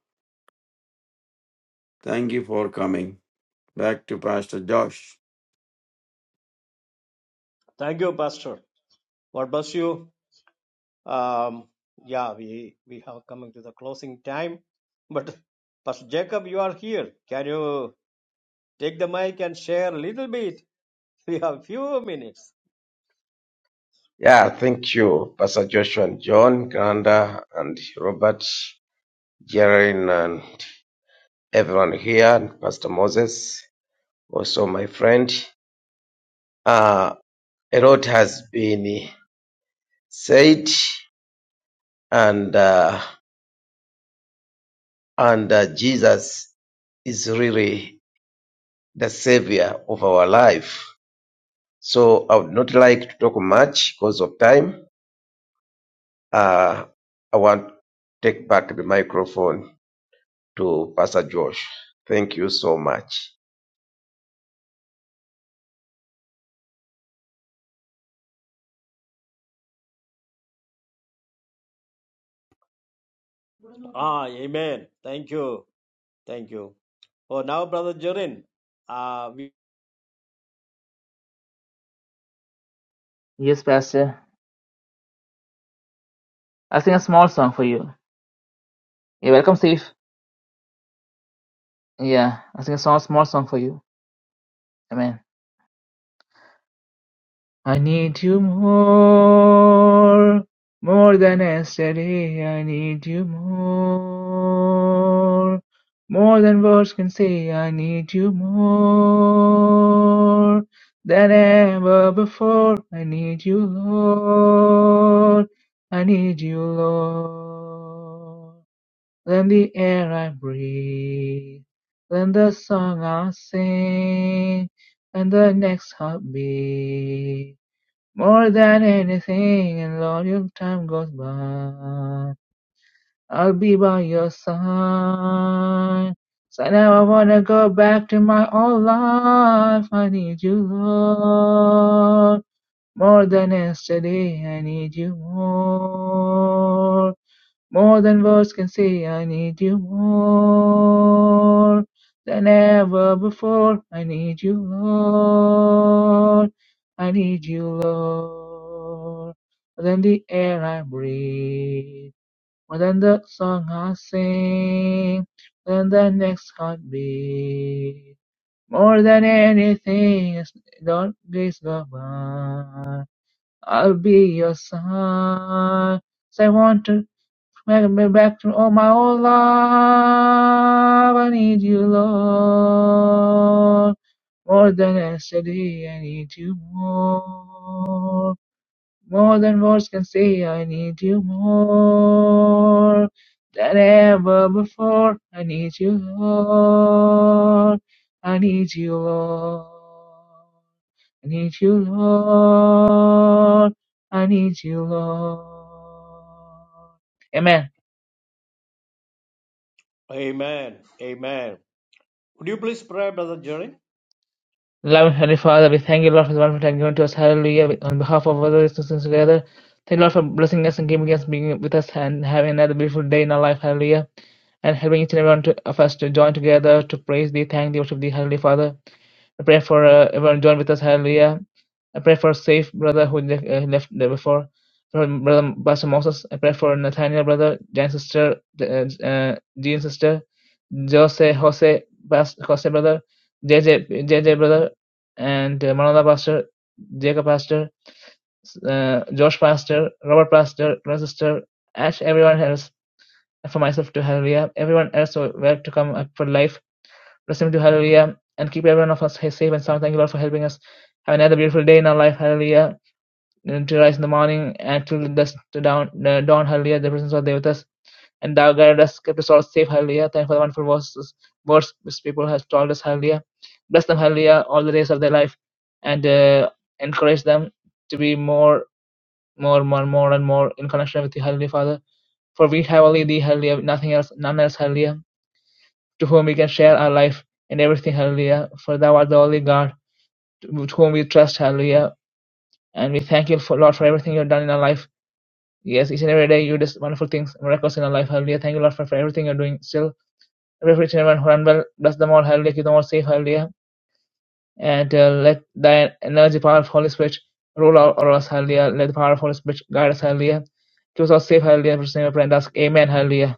[SPEAKER 5] Thank you for coming. Back to Pastor Josh.
[SPEAKER 2] Thank you, Pastor. God bless you. Um, yeah, we we have coming to the closing time, but Pastor Jacob, you are here. Can you take the mic and share a little bit? We have few minutes.
[SPEAKER 6] Yeah, thank you, Pastor Joshua and John, Granda and Robert, Jaren and everyone here, and Pastor Moses, also my friend. Uh, a lot has been said, and uh, and uh, Jesus is really the savior of our life. So I would not like to talk much because of time. Uh, I want to take back the microphone. to Pastor Josh. Thank you so much.
[SPEAKER 2] Ah, amen. Thank you, thank you. Oh, now, Brother Jorin. Uh, we,
[SPEAKER 1] Yes, Pastor. I'll sing a small song for you. Yeah, welcome, Steve. Yeah, I'll sing a small, small song for you. Amen. I need you more, more than yesterday. I need you more, more than words can say. I need you more than ever before. I need you, Lord. I need you, Lord. Than the air I breathe, than the song I sing, and the next heartbeat. More than anything, and Lord, your time goes by, I'll be by your side. So now I never wanna go back to my old life. I need you, Lord, more than yesterday. I need you more. More than words can say, I need you more than ever before. I need you, Lord. I need you, Lord. More than the air I breathe, more than the song I sing, more than the next heartbeat. More than anything, is- don't please go by. I'll be your son. 'Cause I want to Welcome me back to all my old love. I need you, Lord. More than yesterday, I need you more. More than words can say, I need you more. Than ever before, I need you, Lord. I need you, Lord. I need you, Lord. I need you, Lord. Amen.
[SPEAKER 2] amen, amen. Would you please pray, Brother Jorin?
[SPEAKER 1] Loving Heavenly Father, we thank you, Lord, for the wonderful time given to us. Hallelujah. On behalf of all to sing together, thank you, Lord, for blessing us and giving us, being with us, and having another beautiful day in our life. Hallelujah. And helping each and every one to- of us to join together to praise thee, thank thee, worship thee, Heavenly Father. I pray for uh, everyone join with us. Hallelujah. I pray for safe brother who left, uh, left there before. For brother Pastor Moses, I pray for Nathaniel brother, Jan's sister, uh, uh, Jean's sister. Jose Jose Bas- Jose brother, JJ JJ brother, and uh, Manada pastor, Jacob pastor, uh, Josh pastor, Robert pastor, Glenn sister, Ash, everyone else, and for myself to hallelujah, everyone else who were to come up for life, listen to hallelujah, and keep everyone of us safe and sound. Thank you Lord for helping us have another beautiful day in our life, hallelujah. And To rise in the morning and to the to down uh, dawn, hallelujah. The presence of Thee with us. And thou guide us, keep us all safe, hallelujah. Thank you for the wonderful verses, words which people have told us, hallelujah. Bless them, hallelujah, all the days of their life and uh, encourage them to be more, more, more, more, and more in connection with you, hallelujah, Father. For we have only thee, hallelujah, nothing else, none else, hallelujah, to whom we can share our life and everything, hallelujah. For thou art the only God to to whom we trust, hallelujah. And we thank you, for, Lord, for everything you've done in our life. Yes, each and every day you do wonderful things, miracles in our life, hallelujah. Thank you, Lord, for, for everything you're doing still Referee Chairman Hornwell bless them all, hallelujah, give them all safe, hallelujah. And uh, let thy energy, power of Holy Spirit rule all over us, hallelujah. Let the power of Holy Spirit guide us, hallelujah. Keep us all safe, hallelujah. In Jesus' name we pray and ask, Amen, hallelujah.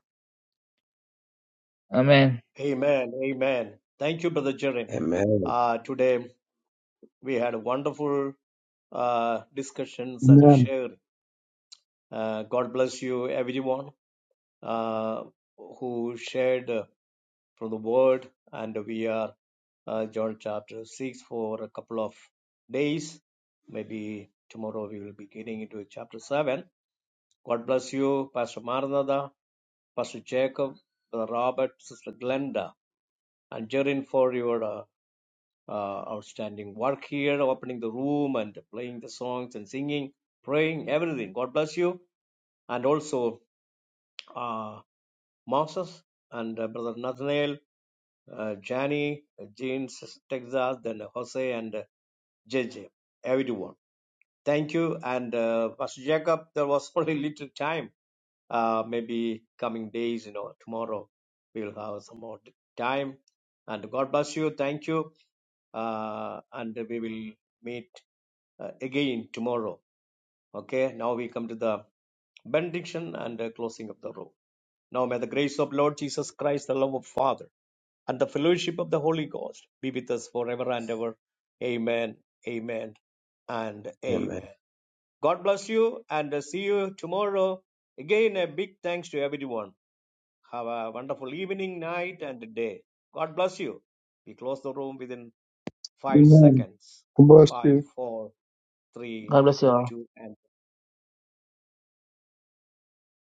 [SPEAKER 1] Amen.
[SPEAKER 2] Amen, amen. Thank you, Brother Jorin.
[SPEAKER 6] Amen.
[SPEAKER 2] Uh, today we had wonderful uh, discussions and
[SPEAKER 4] Amen.
[SPEAKER 2] sharing. Uh, God bless you, everyone. uh, who shared uh, from the word, and we are uh, John chapter 6 for a couple of days. Maybe tomorrow we will be getting into chapter 7. God bless you, Pastor Maranatha, Pastor Jacob, Brother Robert, Sister Glenda, and Jerin for your uh, uh, outstanding work here, opening the room and playing the songs and singing, praying, everything. God bless you. And also uh, Moses and uh, Brother Nathaniel uh, Johnny, Jeans, Texas, then Jose and uh, JJ, everyone. Thank you. And uh, Pastor Jacob, there was only little time. Uh, maybe coming days, you know, tomorrow we'll have some more time. And God bless you. Thank you. Uh, and we will meet uh, again tomorrow. Okay. Now we come to the benediction and uh, closing of the room. Now may the grace of Lord Jesus Christ, the love of Father and the fellowship of the Holy Ghost be with us forever and ever. Amen, amen, and
[SPEAKER 6] Amen.
[SPEAKER 2] amen. God bless you and uh, see you tomorrow. Again, a big thanks to everyone. Have a wonderful evening, night, and day. God bless you. We close the room within five
[SPEAKER 4] Amen.
[SPEAKER 2] seconds.
[SPEAKER 4] God Bless you.
[SPEAKER 2] Five, four, three,
[SPEAKER 1] God bless you all.
[SPEAKER 2] two, and